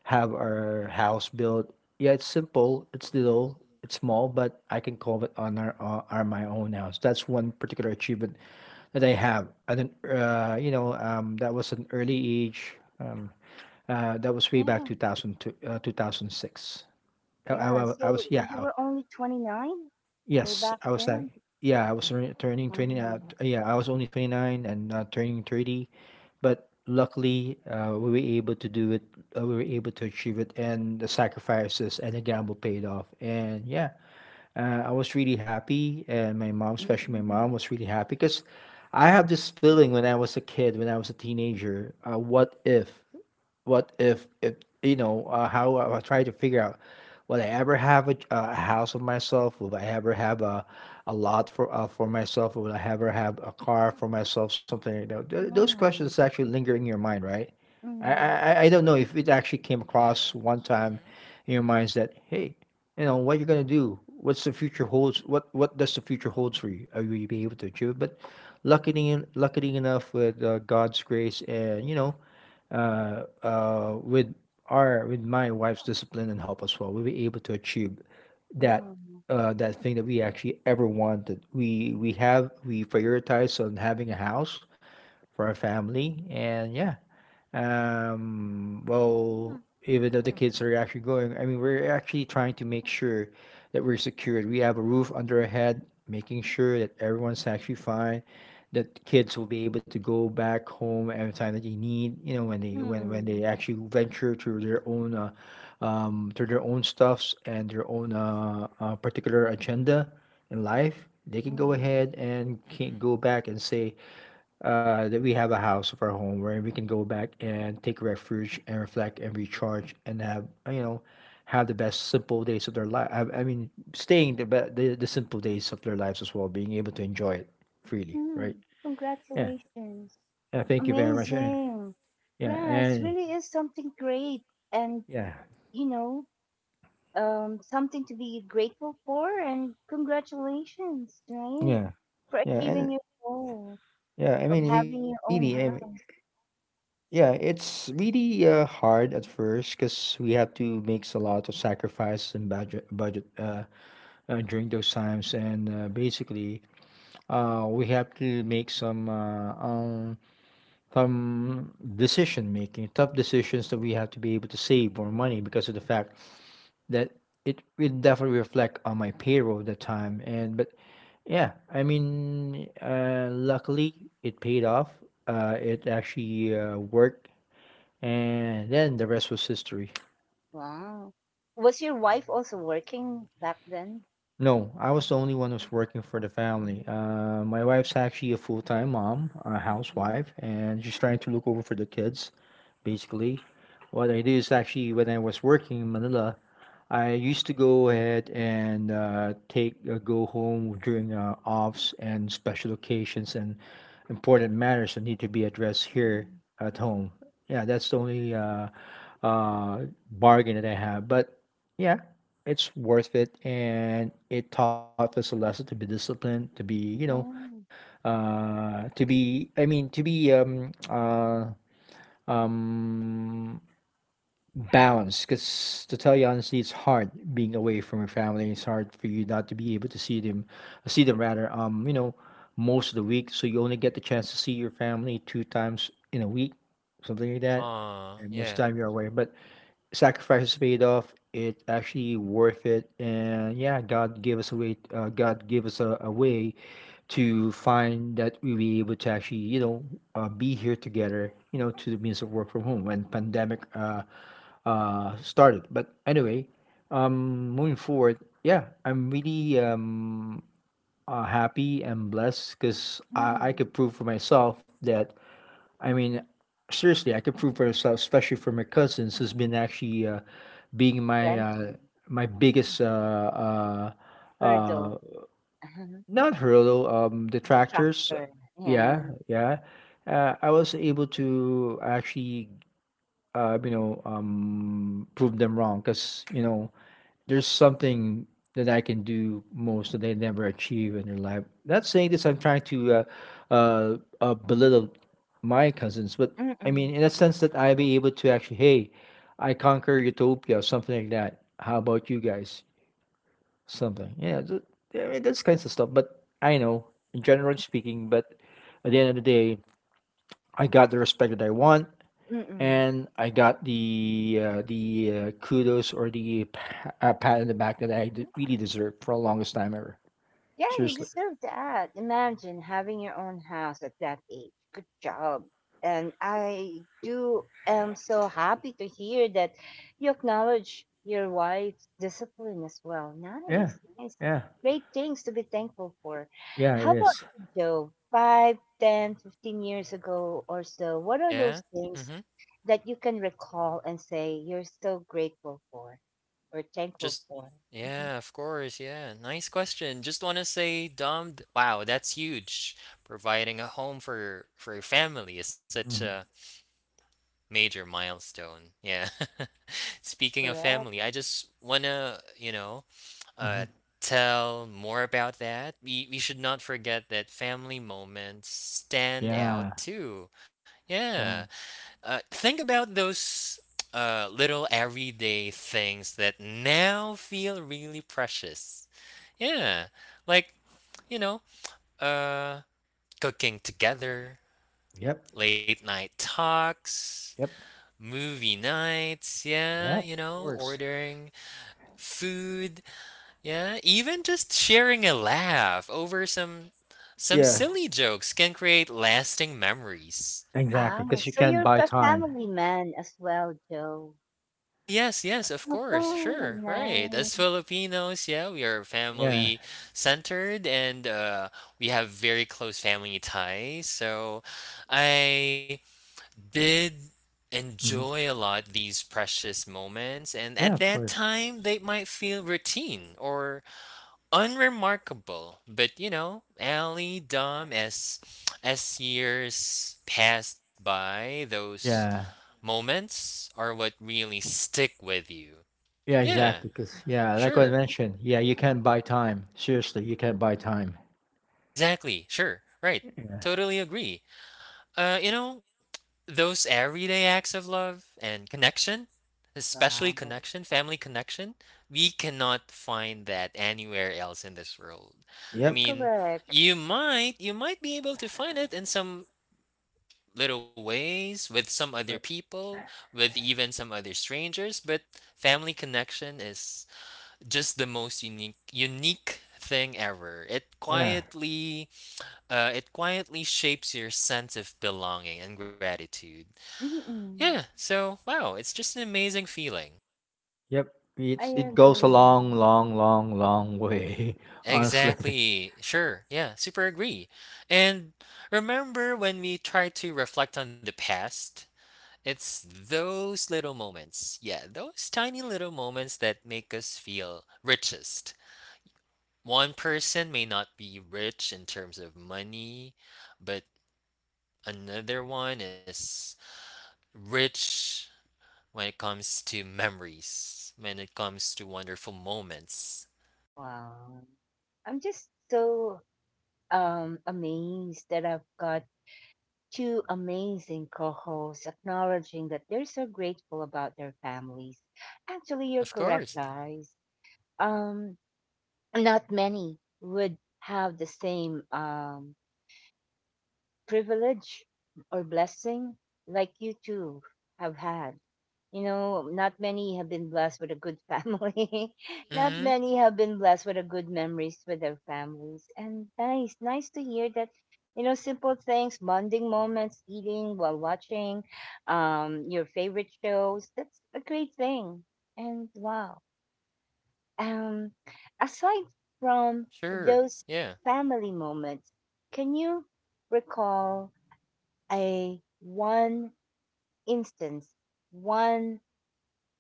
S2: have our house built. Yeah, it's simple, it's
S3: Mhm.
S2: little, it's small, but I can call it on our, uh, our my own house. That's one particular achievement that I have. And then, uh, you know, um, that was an early age. Um, uh, that was way back
S1: Yeah,
S2: two thousand two, uh, two thousand six. I, I,
S1: yeah.
S2: wa- I
S1: So
S2: was,
S1: you
S2: yeah.
S1: were only twenty-nine way
S2: Yes,
S1: back
S2: I was like,
S1: then?
S2: yeah, I was turning turning twenty, uh,
S1: Wow.
S2: t- yeah, I was only twenty-nine and uh, turning thirty, but luckily uh, we were able to do it, uh, we were able to achieve it, and the sacrifices and the gamble paid off. And yeah, uh, I was really happy, and my mom, especially my
S1: Mm-hmm.
S2: mom, was really happy because I have this feeling when I was a kid, when I was a teenager, uh, what if? What if if you know, uh, how I, I try to figure out, will I ever have a, a house of myself? Will I ever have a a lot for uh, for myself? Will I ever have a car for myself? Something, you know, th- those questions
S1: Wow.
S2: actually linger in your mind, right? I, I
S1: Mm.
S2: I I don't know if it actually came across
S3: Yeah.
S2: one time
S3: Mhm.
S2: in your minds that, hey, you know what you're gonna do. What's the future holds? What what does the future holds for you? Are you be able to achieve it? But luckily, luckily enough, with uh, God's grace and, you know, uh, uh, with our with my wife's discipline and help as well, we were able to achieve that
S1: Wow.
S2: uh, that thing that we actually ever wanted. We we have we prioritize on having a house for our family, and yeah, um well, even though the kids are actually going, I mean, we're actually trying to make sure that we're secured, we have a roof under our head, making sure that everyone's actually fine, that kids will be able to go back home anytime that they need, you know, when they when when
S1: Mm-hmm.
S2: they actually venture to their own uh, um to their own stuffs and their own uh, uh particular agenda in life, they can go
S1: Mm-hmm.
S2: ahead and can
S3: Mhm.
S2: go back and say uh, that we have a house of our home where we can go back and take refuge and reflect and recharge and have, uh, you know, have the best simple days of their life. I, I mean, staying the, be- the the simple days of their lives as well, being able to enjoy it freely,
S1: Hmm.
S2: right? Yeah.
S1: Congratulations.
S2: Yeah, thank you very much. Yeah.
S1: Amazing.
S2: Yeah.
S1: Yeah, it's
S2: And
S1: really is something great and
S2: yeah.
S1: you know, um something to be grateful for and congratulations, right?
S2: Yeah.
S1: For
S2: Yeah.
S1: achieving
S2: And
S1: your goal
S2: yeah. I
S1: of
S2: mean,
S1: having
S2: really. I
S1: your
S2: mean,
S1: own house.
S2: yeah, it's really uh, hard at first because we have to make a lot of sacrifice and budget budget. Uh, uh, during those times and uh, basically uh, we have to make some uh, um, some decision making, tough decisions that we have to be able to save more money because of the fact that it will definitely reflect on my payroll at that time. And but yeah, I mean, uh, luckily it paid off, uh, it actually uh, worked, and then the rest was history.
S1: Wow. Was your wife also working back then?
S2: No, I was the only one who's working for the family.
S1: Mhm,
S2: Uh, my wife's actually a full-time mom, a
S1: mhm,
S2: housewife, and she's trying to look over for the kids, basically. What I do is actually when I was working in Manila, I used to go ahead and uh, take uh, go home during uh, offs and special occasions and important matters that need to be addressed here
S1: mhm.
S2: at home. Yeah, that's the only uh, uh, bargain that I have. But yeah, it's worth it, and it taught us a lesson to be disciplined, to be, you know,
S1: Yeah.
S2: uh, to be, I mean, to be um uh um balance, because to tell you honestly, it's hard being away from your family. It's hard for you not to be able to see them, see them, rather. Um, you know, most of the week, so you only get the chance to see your family two times in a week, something like that.
S3: Aw,
S2: And most of the
S3: yeah.
S2: time you're away, but sacrifices paid off. It actually worth it, and yeah, God gave us a way. Uh, God gave us a, a way to find that we be able to actually, you know, uh, be here together. You know, to the means of work from home when pandemic Uh, uh started. But anyway, um moving forward, yeah, I'm really um uh, happy and blessed because I, I
S1: Mm.
S2: could prove for myself that, I mean, seriously, I could prove for myself, especially for my cousins who's been actually uh, being my uh,
S1: Renting,
S2: my biggest uh, uh
S1: hurdle,
S2: uh not hurdle, um detractors,
S1: distractor.
S2: yeah,
S1: Yeah.
S2: yeah, uh, I was able to actually uh, you know um prove them wrong because, you know, there's something that I can do most that they never achieve in their life. Not saying this, I'm trying to uh, uh, uh, belittle my cousins, but I
S1: Mm-mm.
S2: mean, in a
S3: Yeah,
S2: sense that
S3: sure.
S2: I be able to actually, hey, I conquer utopia, something like that. How about you guys? Something, yeah. Th- yeah, I mean, that's kinds of stuff. But I know, in general speaking, but at the end of the day, I got the respect that I want
S1: Mm.
S2: and I got the uh, the uh, kudos or the pa- uh, pat in the back that I d- really deserved for the longest time ever.
S1: Yeah, you
S2: Seriously.
S1: deserve that. Imagine having your own house at that age. Good job. And I do am so happy to hear that you acknowledge your wife's discipline as well.
S2: Yeah,
S1: Nice, nice.
S2: yeah,
S1: Great things to be thankful for.
S2: yeah.
S1: How
S2: It
S1: about
S2: is.
S1: you, Joe? Five, ten, fifteen years ago or so, what are
S3: Yeah.
S1: those things
S3: Mhm.
S1: that you can recall and say you're so grateful for or thankful
S3: Just
S1: for? Mhm.
S3: yeah, of course. Yeah. Nice question. Just want to say, Dom, wow, that's huge. Providing a home for your for your family is such
S2: Mm-hmm.
S3: a major milestone. Yeah. Speaking of
S1: Correct.
S3: family, I just wanna, you know,
S2: Mm-hmm.
S3: uh, tell more about that. We we should not forget that family moments stand out
S2: Yeah,
S3: too. Yeah.
S2: yeah.
S3: Uh, think about those uh little everyday things that now feel really precious. Yeah. Like, you know, uh cooking together,
S2: Yep,
S3: late night talks,
S2: yep,
S3: movie nights, yeah,
S2: yep.
S3: you
S2: Of
S3: know,
S2: course.
S3: ordering food, yeah, even just sharing a laugh over some some
S2: Yeah,
S3: silly jokes can create lasting memories.
S1: Ah,
S2: exactly. Because you
S1: so
S2: can't
S1: you're
S2: buy
S1: a
S2: time.
S1: family man as well, Joe.
S3: Well, yes, yes, of course,
S1: Oh,
S3: sure, right. As
S1: nice.
S3: Filipinos, yeah, we are
S2: Yeah.
S3: family centered, and uh, we have very close family ties. So I did
S2: Hmm.
S3: enjoy a lot these precious moments, and at
S2: Yeah, of
S3: that
S2: course.
S3: time they might feel routine or unremarkable, but you know, Ellie, Dom, as as years passed by, those
S2: Yeah.
S3: moments are what really stick with you.
S2: Yeah,
S3: Yeah,
S2: exactly. Because yeah, like I
S3: sure,
S2: mentioned, yeah, you can't buy time. Seriously, you can't buy time.
S3: exactly, sure, right.
S2: Yeah.
S3: Totally agree. Uh, you know, those everyday acts of love and connection, especially
S1: Wow.
S3: connection, family connection, we cannot find that anywhere else in this world. I
S2: Yep.
S3: mean,
S1: Correct.
S3: you might you might be able to find it in some little ways with some other
S2: But
S3: people, with even some other strangers, but family connection is just the most unique unique thing ever. It
S2: yeah.
S3: quietly uh, it quietly shapes your sense of belonging and gratitude. Yeah,
S1: Mm-mm.
S3: so wow, it's just an amazing feeling.
S2: Yep,
S1: I
S2: it's it goes a
S1: agree.
S2: long, long, long, long way, honestly.
S3: Exactly. Sure. Yeah, super agree. And remember when we try to reflect on the past? It's those little moments. Yeah, those tiny little moments that make us feel richest. One person may not be rich in terms of money, but another one is rich when it comes to memories, when it comes to wonderful moments.
S1: Wow. I'm just so um amazed that I've got two amazing co-hosts acknowledging that they're so grateful about their families. Actually, you're
S3: Of
S1: correct,
S3: course.
S1: guys. Um, Not many would have the same um privilege or blessing like you two have had. You know, not many have been blessed with a good family. Not
S3: Mm-hmm.
S1: many have been blessed with a good memories with their families. And nice, nice to hear that, you know, simple things, bonding moments, eating while watching, um, your favorite shows. That's a great thing. And wow. Um, Aside from
S3: Sure.
S1: those
S3: Yeah.
S1: family moments, can you recall a one instance, one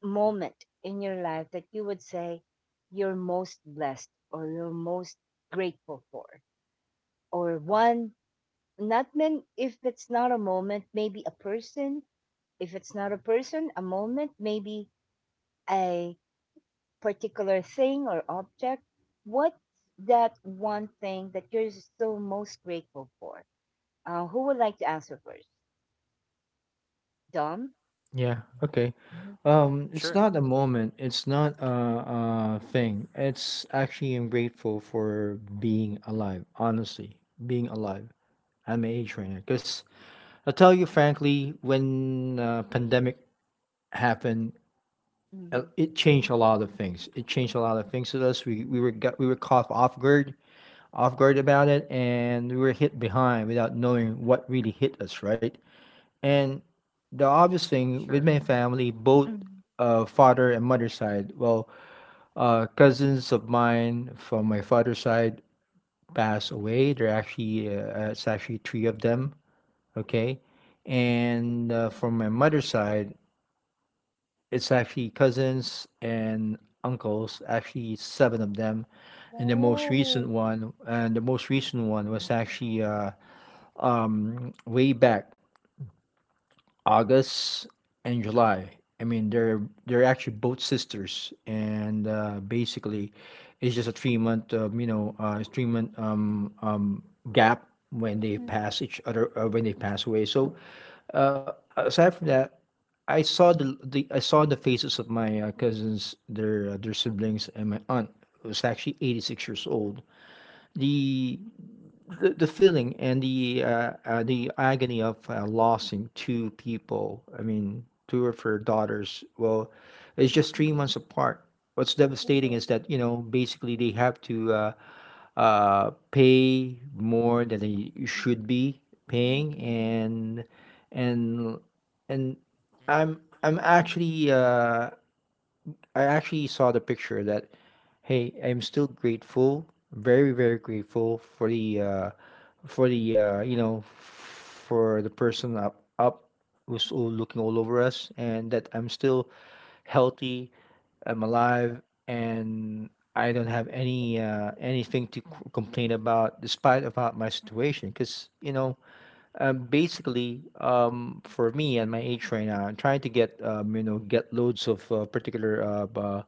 S1: moment in your life that you would say you're most blessed or you're most grateful for? Or one, not many, if it's not a moment, maybe a person. If it's not a person, a moment, maybe a particular thing or object. What's that one thing that you're still most grateful for? Uh, who would like to answer first? Dom?
S2: Yeah, okay.
S1: Mm-hmm.
S3: Yeah.
S2: Um, it's
S3: Sure.
S2: not a moment, it's not a, a thing. It's actually I'm grateful for being alive, honestly, being alive at my age right now. Because I tell you frankly, when uh, pandemic happened, uh, it changed a lot of things. It changed a lot of things to us. We we were got, we were caught off guard off guard about it and we were hit behind without knowing what really hit us, right? And the obvious thing with
S3: Sure.
S2: my family, both
S1: Mm-hmm.
S2: uh, father and mother side, well, uh, cousins of mine from my father's side passed away. They're actually, uh, it's actually three of them, okay? And uh, from my mother's side, it's actually cousins and uncles, actually seven of them. And the most recent
S1: Wow.
S2: one, and the most recent one was actually uh, um, way back August and July. I mean, they're they're actually both sisters, and uh, basically, it's just a three month, um, you know, uh, three
S1: Mm.
S2: month um, um, gap when they
S1: Hmm.
S2: pass each other uh, when they pass away. So aside from that, I saw the the I saw the faces of my uh, cousins, their uh, their siblings, and my aunt who's actually eighty six years old. The the, the feeling and the uh, uh, the agony of uh, losing two people. I mean, two of her daughters. Well, it's
S1: Mm.
S2: just three
S1: Mm.
S2: months apart. What's
S1: Yes.
S2: devastating is that you know basically they have to uh, uh, pay more than they should be paying,
S1: Mm.
S2: and and and I'm
S3: Hmm.
S2: I'm actually uh, I actually saw the picture that, hey, I'm still grateful, very, very grateful for the, uh, for the, uh, you know, for the person up, up who's all looking all over us, and that I'm still healthy, I'm alive, and I don't have any, uh, anything to c- complain about, despite about my situation, because you know. Um, basically, um, for me and my age right now, I'm trying to get um, you know get loads of uh, particular uh, b- uh,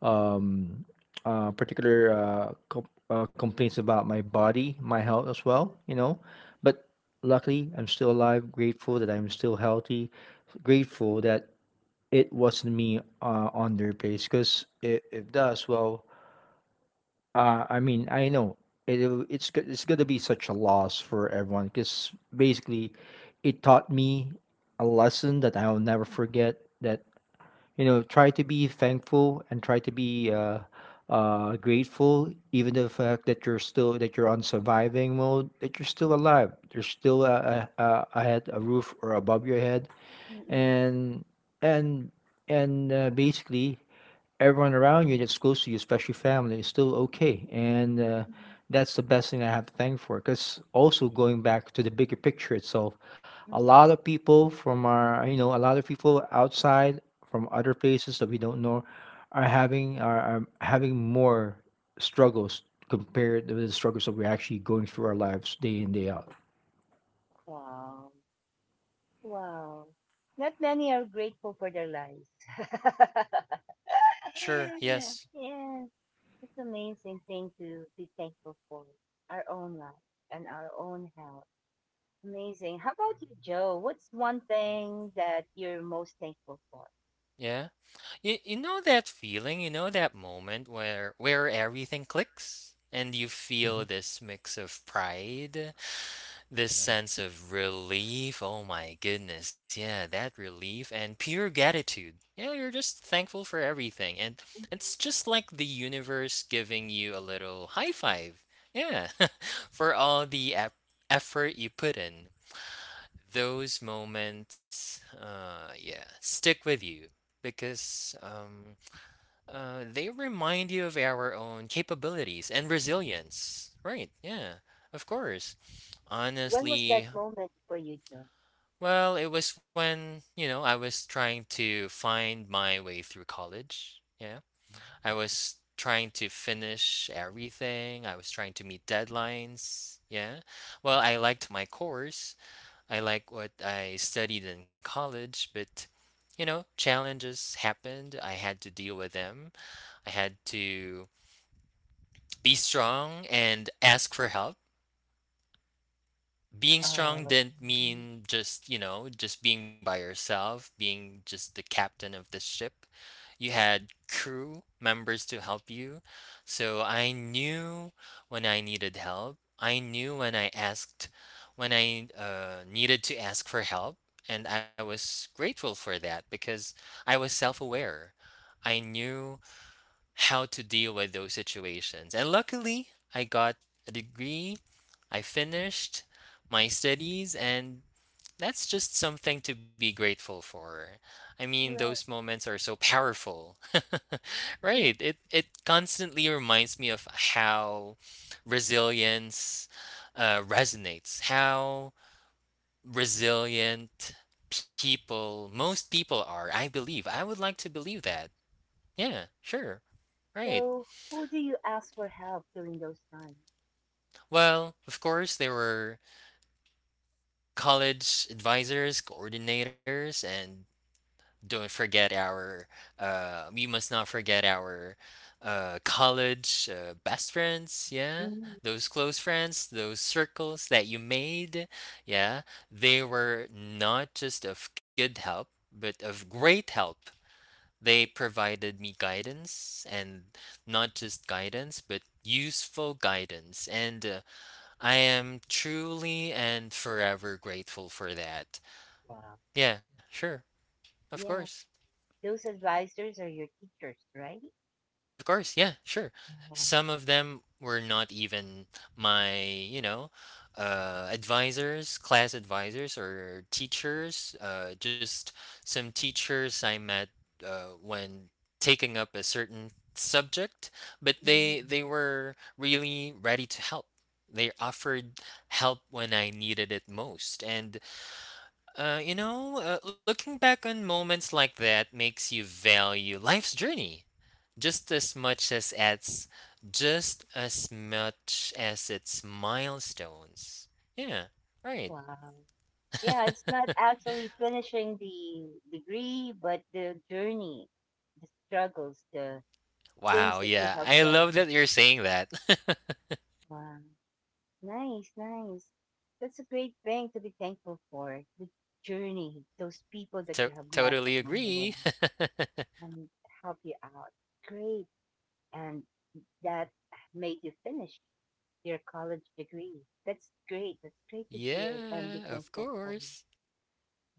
S2: um, uh, particular uh, com- uh, complaints about my body, my health as well. You know, but luckily I'm still alive. Grateful that I'm still healthy. Grateful that it wasn't me uh, on their place because if, if does well uh, I mean, I know it it's go- it's gonna be such a loss for everyone because basically, it taught me a lesson that I'll never forget. That you know, try to be thankful and try to be uh, uh, grateful, even the fact that you're still that you're on surviving mode, that you're still alive, there's still a, a, a a head, a roof, or above your head,
S1: Mm. Mm.
S2: and and and uh, basically everyone around you that's close to you, especially family, is still okay. And uh,
S1: Mm.
S2: that's the best thing I have to thank for. Because also going back to the bigger picture itself, a
S1: Mm.
S2: lot of people from our, you know, a lot of people outside from other places that we don't know are having are, are having more struggles compared to the struggles that we're actually going through our lives day in day out.
S1: Wow. Wow. Not many are grateful for their lives.
S3: Sure. Yes.
S1: Yes, it's amazing thing to be thankful for. Our own life and our own health. Amazing. How about you, Joe? What's one thing that you're most thankful for?
S3: Yeah. You, you know that feeling, you know that moment where where everything clicks and you
S2: Mhm.
S3: feel this mix of pride, this
S2: Yeah.
S3: sense of relief, oh my goodness, yeah, that relief and pure gratitude. Yeah, you're just thankful for everything. And it's just like the universe giving you a little high five. Yeah, for all the ep- effort you put in. Those moments, uh, yeah, stick with you because um, uh, they remind you of our own capabilities and resilience. Right, yeah, of course,
S1: When was that
S3: honestly.
S1: moment for you, Joe?
S3: Well, it was when, you know, I was trying to find my way through college. Yeah. I was trying to finish everything. I was trying to meet deadlines. Yeah. Well, I liked my course. I liked what I studied in college, but you know, challenges happened. I had to deal with them. I had to be strong and ask for help. Being
S1: Uh,
S3: strong didn't mean just, you know, just being by yourself, being just the captain of the ship. You had crew members to help you. So I knew when I needed help. I knew when I asked, when I uh, needed to ask for help. And I was grateful for that because I was self aware. I knew how to deal with those situations. And luckily, I got a degree, I finished my studies, and that's just something to be grateful for. I mean, those
S1: Well,
S3: moments are so powerful.
S1: yeah.
S3: Right. It it constantly reminds me of how resilience uh, resonates. How resilient people, most people are, I believe. I would like to believe that. Yeah, sure. Right.
S1: So, who do you ask for help during those times?
S3: Well, of course, there were college advisors, coordinators, and don't forget our, uh, we must not forget our uh, college uh, best friends, yeah?
S1: Mm,
S3: Those close friends, those circles that you made, yeah? They were not just of good help, but of great help. They provided me guidance and not just guidance, but useful guidance. And uh, I am truly and forever grateful for that.
S1: wow.
S3: Yeah, sure. Of
S1: Yeah,
S3: course.
S1: those advisors are your teachers, right?
S3: Of course. Yeah, sure.
S1: Mhm.
S3: Some of them were not even my, you know, uh, advisors, class advisors, or teachers. Uh, just some teachers I met uh, when taking up a certain subject, but
S1: Mhm.
S3: they they were really ready to help. They offered help when I needed it most, and Uh, you know, uh, looking back on moments like that makes you value life's journey just as much as it's just as much as its milestones. Yeah, right.
S1: Wow. Yeah, it's not actually finishing the degree, but the journey, the struggles, the things
S3: Wow,
S1: that you
S3: yeah.
S1: have
S3: I
S1: learned
S3: love
S1: to
S3: that
S1: do.
S3: you're saying that.
S1: Wow. Nice, nice. That's a great thing to be thankful for. The journey, those people that
S3: to-
S1: you have met
S3: totally
S1: along the way
S3: agree.
S1: and help you out. Great. And that made you finish your college degree. That's great. That's great to hear and be
S3: Yeah,
S1: thankful
S3: of
S1: for.
S3: course.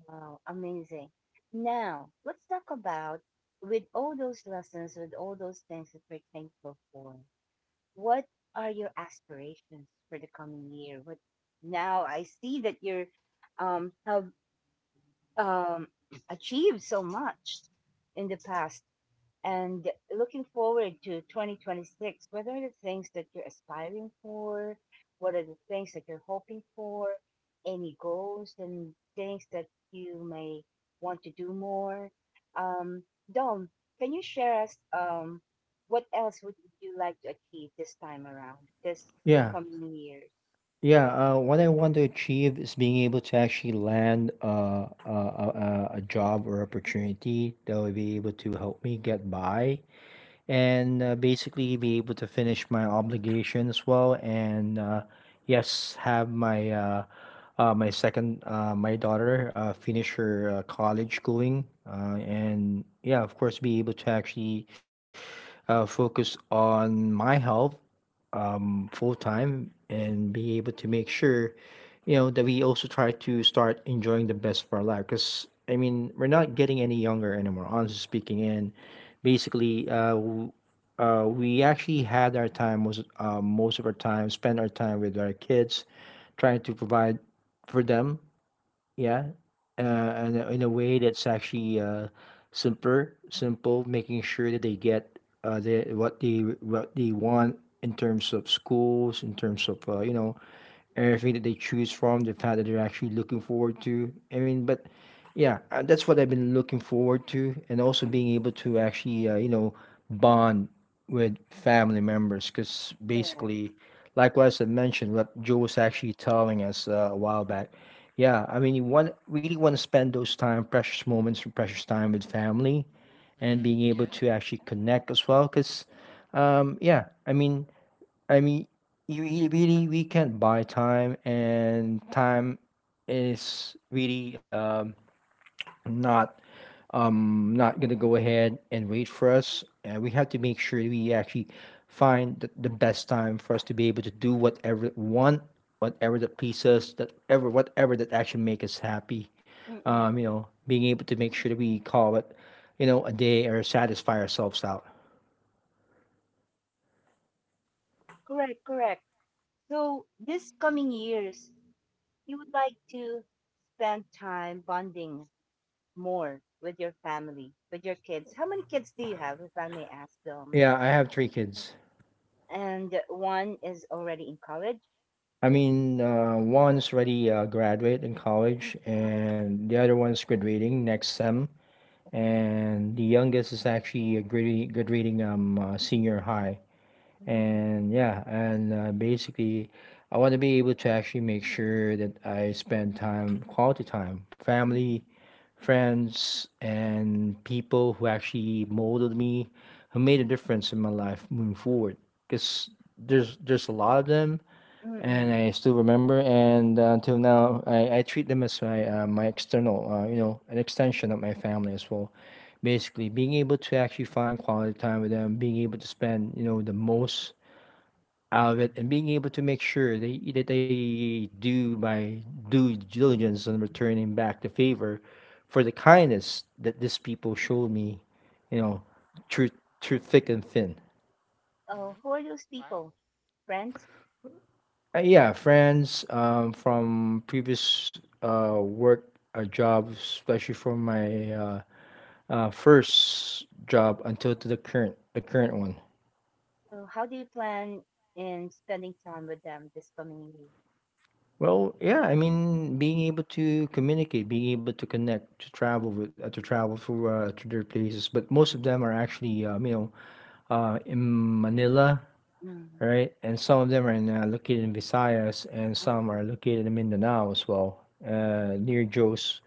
S1: Wow, amazing. Now, let's talk about with all those lessons, with all those things that we're thankful for, what are your aspirations for the coming year? What now I see that you're um have um achieved so much in the past and looking forward to twenty twenty-six. What are the things that you're aspiring for? What are the things that you're hoping for? Any goals and things that you may want to do more? Um dom can you share us um what else would you like to achieve this time around, this
S2: Yeah,
S1: coming years?
S2: yeah, uh, what I want to achieve is being able to actually land uh, a, a, a a job or opportunity that will be able to help me get by and uh, basically be able to finish my obligation as well. And uh, yes, have my uh, uh, my second uh, my daughter uh, finish her uh, college schooling. Uh, and yeah, of course, be able to actually uh, focus on my health um, full time and be able to make sure, you know, that we also try to start enjoying the best of our life. Because I mean, we're not getting any younger anymore, honestly speaking. And basically, uh, w- uh, we actually had our time was uh, most of our time spent our time with our kids, trying to provide for them, yeah, uh, and a in a way that's actually, uh, simpler simple, making sure that they get, uh, the what they what they want in terms of schools, in terms of, uh, you know, everything that they choose from, the fact that they're actually looking forward to. I mean, but yeah, uh, that's what I've been looking forward to, and also being able to actually, uh, you know, bond with family members, because
S1: Correct.
S2: basically. Likewise, I mentioned what Joe was actually telling us uh, a while back. Yeah, I mean, you want really want to spend those time, precious moments, and precious time with family, and being
S3: Mhm.
S2: able
S3: Yeah.
S2: to actually connect as well. Cause, um, yeah, I mean, I mean, you really, really, we can't buy time, and time is really um, not um not gonna go ahead and wait for us, and we have to make sure we actually find the, the best time for us to be able to do whatever we want, whatever that pleases that ever, whatever that actually make us happy, um you
S1: Mm-mm.
S2: know, being able to make sure that we call it you know a day or satisfy ourselves out.
S1: Correct, correct. So this coming years, you would like to spend time bonding more with your family, with your kids. How many kids do you have, if I may ask them?
S2: Yeah, I have three kids.
S1: And one is already in college.
S2: I mean, uh one's already uh, graduate in college
S1: Oh,
S2: and the other one's graduating next sem, and the youngest is actually a good good reading um uh, senior high.
S1: mm,
S2: And yeah, and uh, basically, I want to be able to actually make sure that I spend time quality time,
S1: mm,
S2: family, friends, and people who actually molded me, who made a difference in my life moving forward, because there's there's a lot of them.
S1: mm,
S2: And
S1: mm.
S2: I still remember. And uh, until now, I, I treat them as my uh, my external, uh, you know, an extension of my family as well, basically being able to actually find quality time with them, being able to spend you know the most out of it, and being able to make sure they, that they do my due diligence and returning back the favor for the kindness that these people showed me you know through through thick and thin.
S1: Oh, who
S3: Mhm.
S1: are those people?
S3: Wow.
S1: Friends?
S2: Uh, yeah, friends, um, from previous uh, work uh, jobs, especially from my uh, uh, first job until to the current the current one.
S1: So, how do you plan in spending time with them this coming year?
S2: Well, yeah, I mean, being able to communicate, being able to connect, to travel with, uh, to travel through uh, to their places, but most of them are actually, um, you know, uh, in Manila,
S1: Mm.
S2: right? And some of them are in, uh, located in Visayas, and some
S1: Oh,
S2: are located in Mindanao as well, uh, near Joe's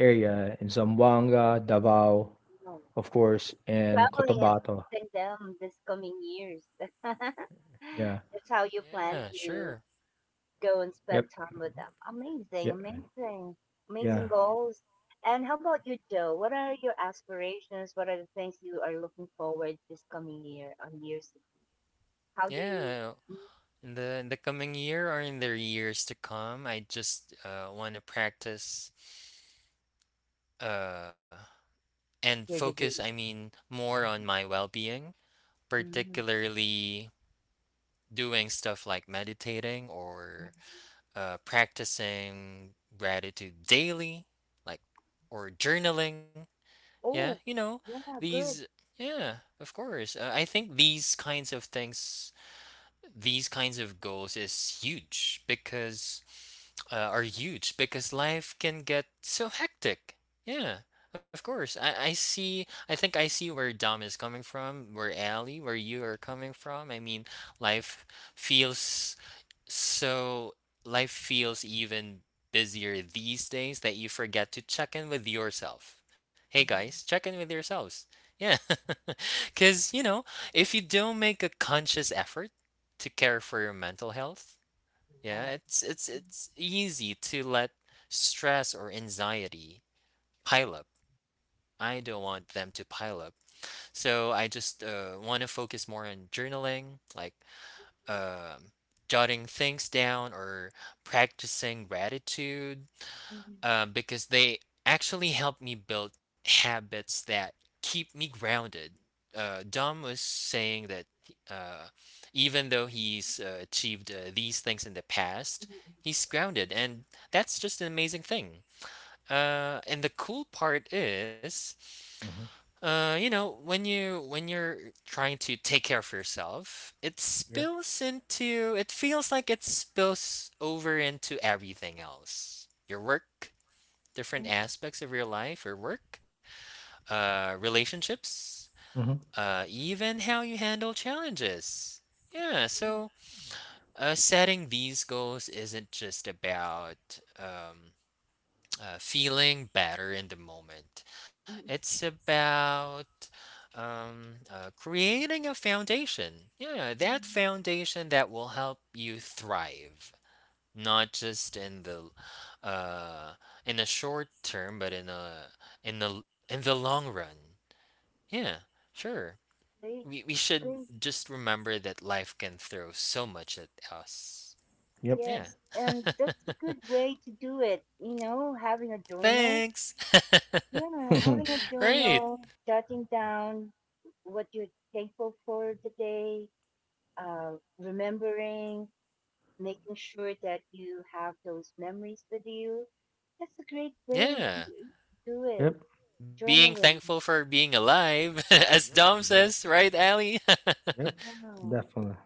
S2: area in Zamboanga, Davao,
S1: wow.
S2: of course, and
S1: Traveling and
S2: Cotabato.
S1: visiting them this coming years.
S2: Yeah.
S1: That's how you plan
S3: Yeah,
S1: to
S3: sure.
S1: go and spend
S2: Yep.
S1: time with them. Amazing,
S2: Yep.
S1: amazing,
S2: Yeah.
S1: amazing goals. And how about you, Joe? What are your aspirations? What are the things you are looking forward this coming year on years to come? How do you
S3: Yeah,
S1: meet
S3: In the in the coming year or in the years to come, I just uh, want to practice uh, and
S1: your
S3: focus, I
S1: degree?
S3: mean, more on my well being,
S1: Mhm.
S3: particularly doing stuff like meditating or uh, practicing gratitude daily, like, or journaling. Yeah, you
S1: Oh,
S3: know,
S1: yeah,
S3: these,
S1: good.
S3: yeah, of course. Uh, I think these kinds of things these kinds of goals is huge because uh, are huge because life can get so hectic. Yeah, of course. I, I see. I think I see where Dom is coming from, where Ali, where you are coming from. I mean, life feels so. Life feels even busier these days that you forget to check in with yourself. Hey guys,
S1: Mhm.
S3: check in with yourselves. Yeah, because you know, if you don't make a conscious effort to care for your mental health. Yeah,
S1: Wow.
S3: it's it's it's easy to let stress or anxiety pile up. I don't want them to pile up. So I just uh, want to focus more on journaling, like um jotting things down or practicing gratitude
S1: Mhm.
S3: uh, because they actually help me build habits that keep me grounded. Uh, Dom was saying that uh, even though he's uh, achieved uh, these things in the past,
S1: Mhm.
S3: he's grounded, and that's just an amazing thing. Uh, and the cool part is,
S2: Mm-hmm.
S3: uh, you know, when you when you're trying to take care of yourself, it spills into. It feels like it spills over into everything else. Your work, different aspects of your life or work, uh, relationships,
S2: Mm-hmm.
S3: uh, even how you handle challenges. Yeah, so uh, setting these goals isn't just about um, uh, feeling better in the moment,
S1: Mhm.
S3: it's about um, uh, creating a foundation. Yeah, that
S1: Mhm.
S3: foundation that will help you thrive not just in the uh in the short term, but in a in the in the long run. Yeah, sure.
S1: Great,
S3: We we should
S1: great.
S3: just remember that life can throw so much at us.
S2: Yep.
S3: Yeah,
S1: Yes, and that's a good way to do it. You know, having a journal.
S3: thanks.
S1: Yeah, having a
S3: Right.
S1: journal, jotting down what you're thankful for today, uh, remembering, making sure that you have those memories with you. That's a great way
S3: Yeah,
S1: to do
S2: Yep.
S1: it.
S3: being
S1: Journaling.
S3: thankful for being alive, as Dom
S2: Exactly.
S3: says, right, Ali?
S2: Yep.
S1: Wow.
S2: Definitely.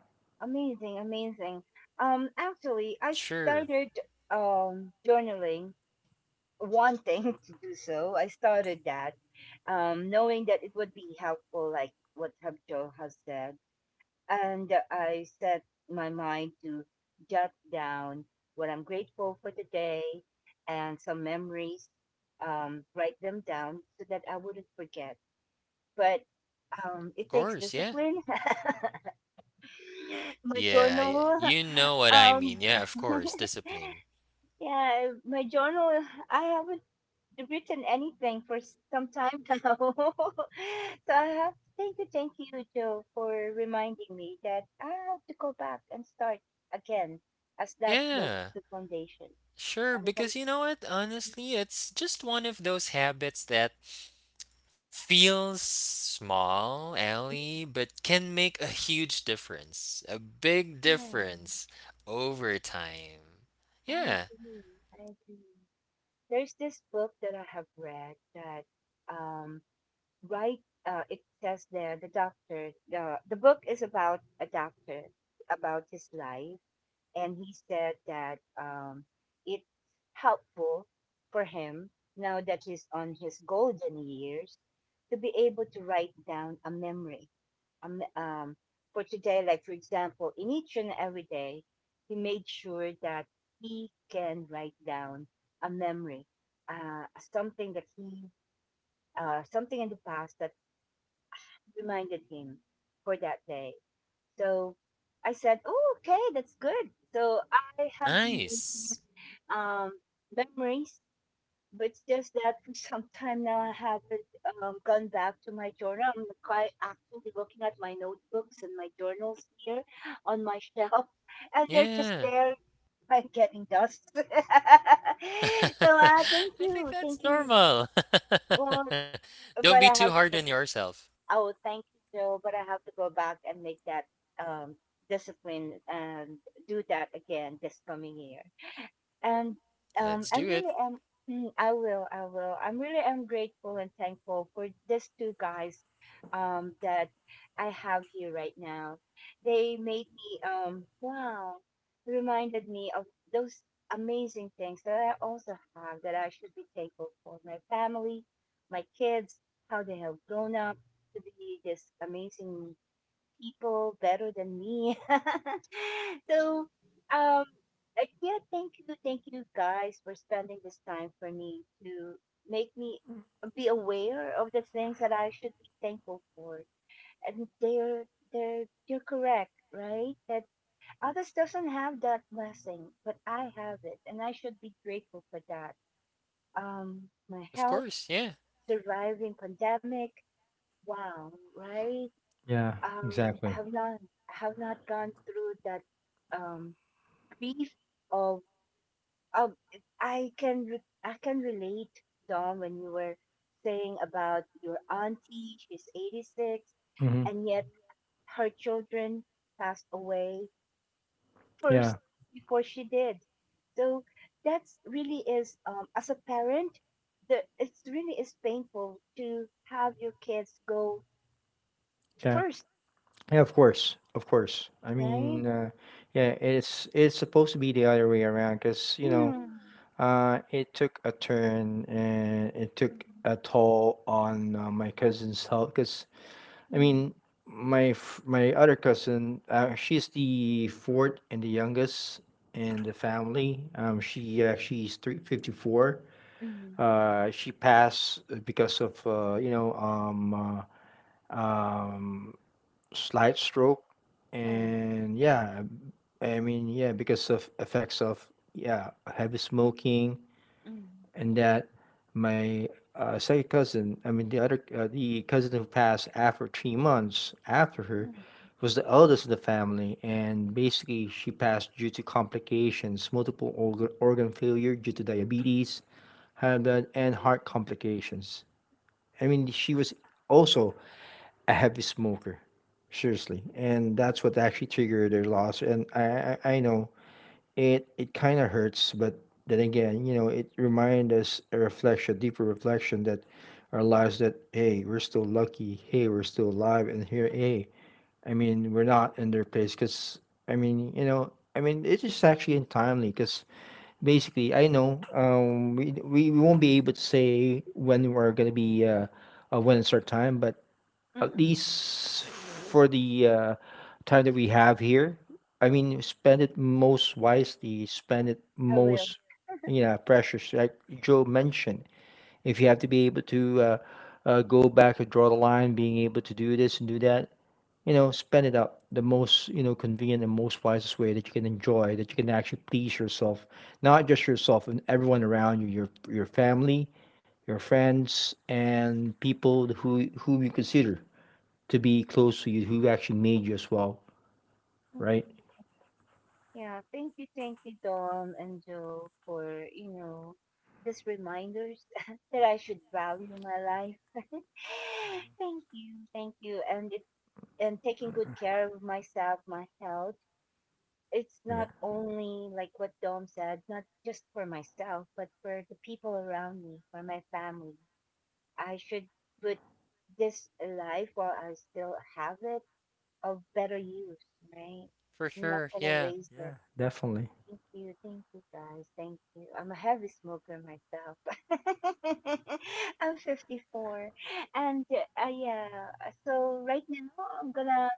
S1: Amazing, amazing. Um, actually, I
S3: Sure,
S1: started um, journaling, wanting to do so. I started that, um, knowing that it would be helpful, like what Habjo has said, and I set my mind to jot down what I'm grateful for today and some memories, um, write them down so that I wouldn't forget. But um, it
S3: of
S1: takes
S3: course. Yeah,
S1: discipline. My
S3: yeah, y-
S1: journal,
S3: you know what I
S1: um,
S3: mean. Yeah, of course, discipline.
S1: yeah, my journal, I haven't written anything for s- some time now. So I have thank you, thank you, Joe, for reminding me that I have to go back and start again as that builds
S3: Yeah,
S1: the foundation.
S3: sure.
S1: And that,
S3: Because you know what? Honestly, it's just one of those habits that feels small, Ellie, but can make a huge difference, a big
S1: yeah,
S3: difference over time.
S1: I
S3: Yeah,
S1: agree. I agree. There's this book that I have read that, um, right, uh, it says there, the doctor, the, the book is about a doctor, about his life, and he said that um, it's helpful for him now that he's on his golden years to be able to write down a memory um, um, for today. Like for example, in each and every day, he made sure that he can write down a memory, uh, something that he, uh, something in the past that reminded him for that day. So I said, "Oh, okay, that's good." So I have been deleting
S3: nice.
S1: um, memories, but it's just that for some time now I haven't um, gone back to my journal. I'm quite actively looking at my notebooks and my journals here on my shelf, and they're just
S3: Yeah.
S1: there, like getting dust. so
S3: I
S1: uh, thank
S3: think
S1: you,
S3: that's
S1: thank you.
S3: normal.
S1: Well,
S3: Don't be
S1: but
S3: too
S1: I have
S3: hard on
S1: to.
S3: yourself.
S1: Oh, thank you, Joe. But I have to go back and make that um, discipline and do that again this coming year, and um
S3: Let's
S1: I'm
S3: do it.
S1: really am. Mm, i will i will I'm really am grateful and thankful for these two guys um that I have here right now. They made me um wow, reminded me of those amazing things that I also have that I should be thankful for. My family, my kids, how they have grown up to be this amazing people better than me. so, um, uh, yeah, thank you, thank you guys for spending this time for me to make me be aware of the things that I should be thankful for. And they're they're you're correct, right? That others doesn't have that blessing, but I have it, and I should be grateful for that. Um, my
S3: Of
S1: health,
S3: course, yeah,
S1: surviving pandemic, wow, right?
S2: Yeah,
S1: um,
S2: exactly.
S1: have not have not gone through that um, grief of of I can re- I can relate. Dom, when you were saying about your auntie, she's eighty-six,
S2: Hmm.
S1: and yet her children passed away first
S2: Yeah,
S1: before she did. So that's really is um, as a parent, the it's really is painful to have your kids go
S2: yeah,
S1: first,
S2: yeah. Of course, of course. I
S1: right?
S2: mean, uh, yeah, it's it's supposed to be the other way around, because you know,
S1: Hmm.
S2: uh, it took a turn and it took
S1: Mhm.
S2: a toll on uh, my cousin's health. Because I
S1: Hmm.
S2: mean, my f- my other cousin, uh, she's the fourth and the youngest in the family. Um, she uh, she's three fifty four.
S1: Mhm,
S2: Uh, she passed because of uh, you know um. Uh, um, slight stroke,
S1: mm,
S2: and yeah, I mean, yeah, because of effects of, yeah, heavy smoking,
S1: mm,
S2: and that my uh, second cousin, I mean, the other uh, the cousin who passed after three months after her
S1: mm,
S2: was the eldest in the family, and basically she passed due to complications, multiple organ organ failure due to diabetes, high blood, and heart
S1: mm,
S2: complications. I mean she was also a heavy smoker, seriously, and that's what actually triggered their loss. And I I, I know it it kind of hurts, but then again, you know, it reminds us a reflection, deeper reflection that our lives that, hey, we're still lucky, hey, we're still alive, and here, hey, I mean, we're not in their place because I mean, you know. I mean, it's just actually untimely because basically, I know, um, we, we we won't be able to say when we're gonna be uh, uh, when it's our time, but
S1: mm,
S2: at
S1: mm.
S2: least for the uh, time that we have here. I mean, spend it most wisely, spend it
S1: I will.
S2: most, you know, precious. Like Joe mentioned, if you have to be able to uh, uh, go back and draw the line, being able to do this and do that, you know, spend it up the most, you know, convenient and most wisest way that you can enjoy, that you can actually please yourself, not just yourself and everyone around you, your your family, your friends, and people who who you consider to be close to you, who actually made you as well,
S1: Mm.
S2: right?
S1: Yeah, thank you, thank you, Dom and Joe, for, you know, just reminders that I should value my life. Thank you, thank you. And it, and taking good care of myself, my health. It's
S2: Yeah,
S1: not only like what Dom said, not just for myself, but for the people around me, for my family. I should put this life while I still have it of better use, right?
S3: for
S1: I'm not
S3: sure.
S1: gonna
S3: Yeah,
S1: waste it.
S2: definitely.
S1: Thank you, thank you guys, thank you. I'm a heavy smoker myself. I'm fifty-four, and uh, yeah. So right now I'm gonna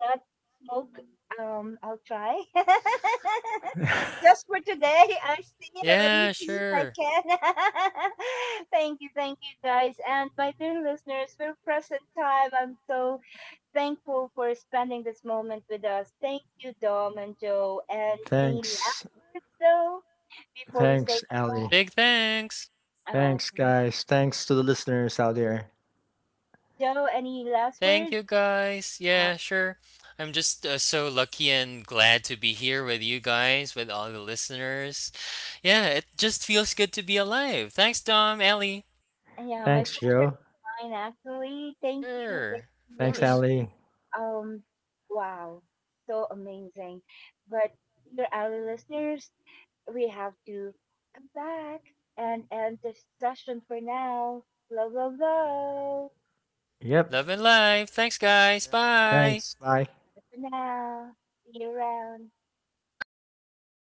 S1: not smoke. Um, I'll try just for today. I see. Let me
S3: yeah,
S1: see if I
S3: sure.
S1: can. Thank you, thank you guys, and my dear listeners for present time. I'm so thankful for spending this moment with us. Thank you, Dom and Joe. And any
S2: Thanks.
S1: last words, though, before we say
S2: Thanks,
S1: goodbye?
S2: Ali.
S3: Big thanks.
S1: Oh,
S2: Thanks, guys. Thanks to the listeners out there.
S1: Joe, any last
S3: Thank
S1: words?
S3: you guys.
S1: Uh,
S3: Yeah, sure. I'm just uh, so lucky and glad to be here with you guys, with all the listeners. Yeah, it just feels good to be alive. Thanks, Dom, Ellie.
S1: yeah, my
S2: Thanks,
S1: pleasure,
S2: Joe.
S1: mine actually. Thank you.
S3: Sure,
S1: Thank
S3: of
S1: you,
S2: Thanks,
S1: really.
S3: course.
S2: Ali.
S1: Um, wow, so amazing. But dear our listeners, we have to come back and end the session for now. Love, love, love.
S2: Yep.
S3: Love and life. Thanks, guys. Bye.
S2: Thanks. Bye.
S1: Bye for now. See you around.
S3: Bye.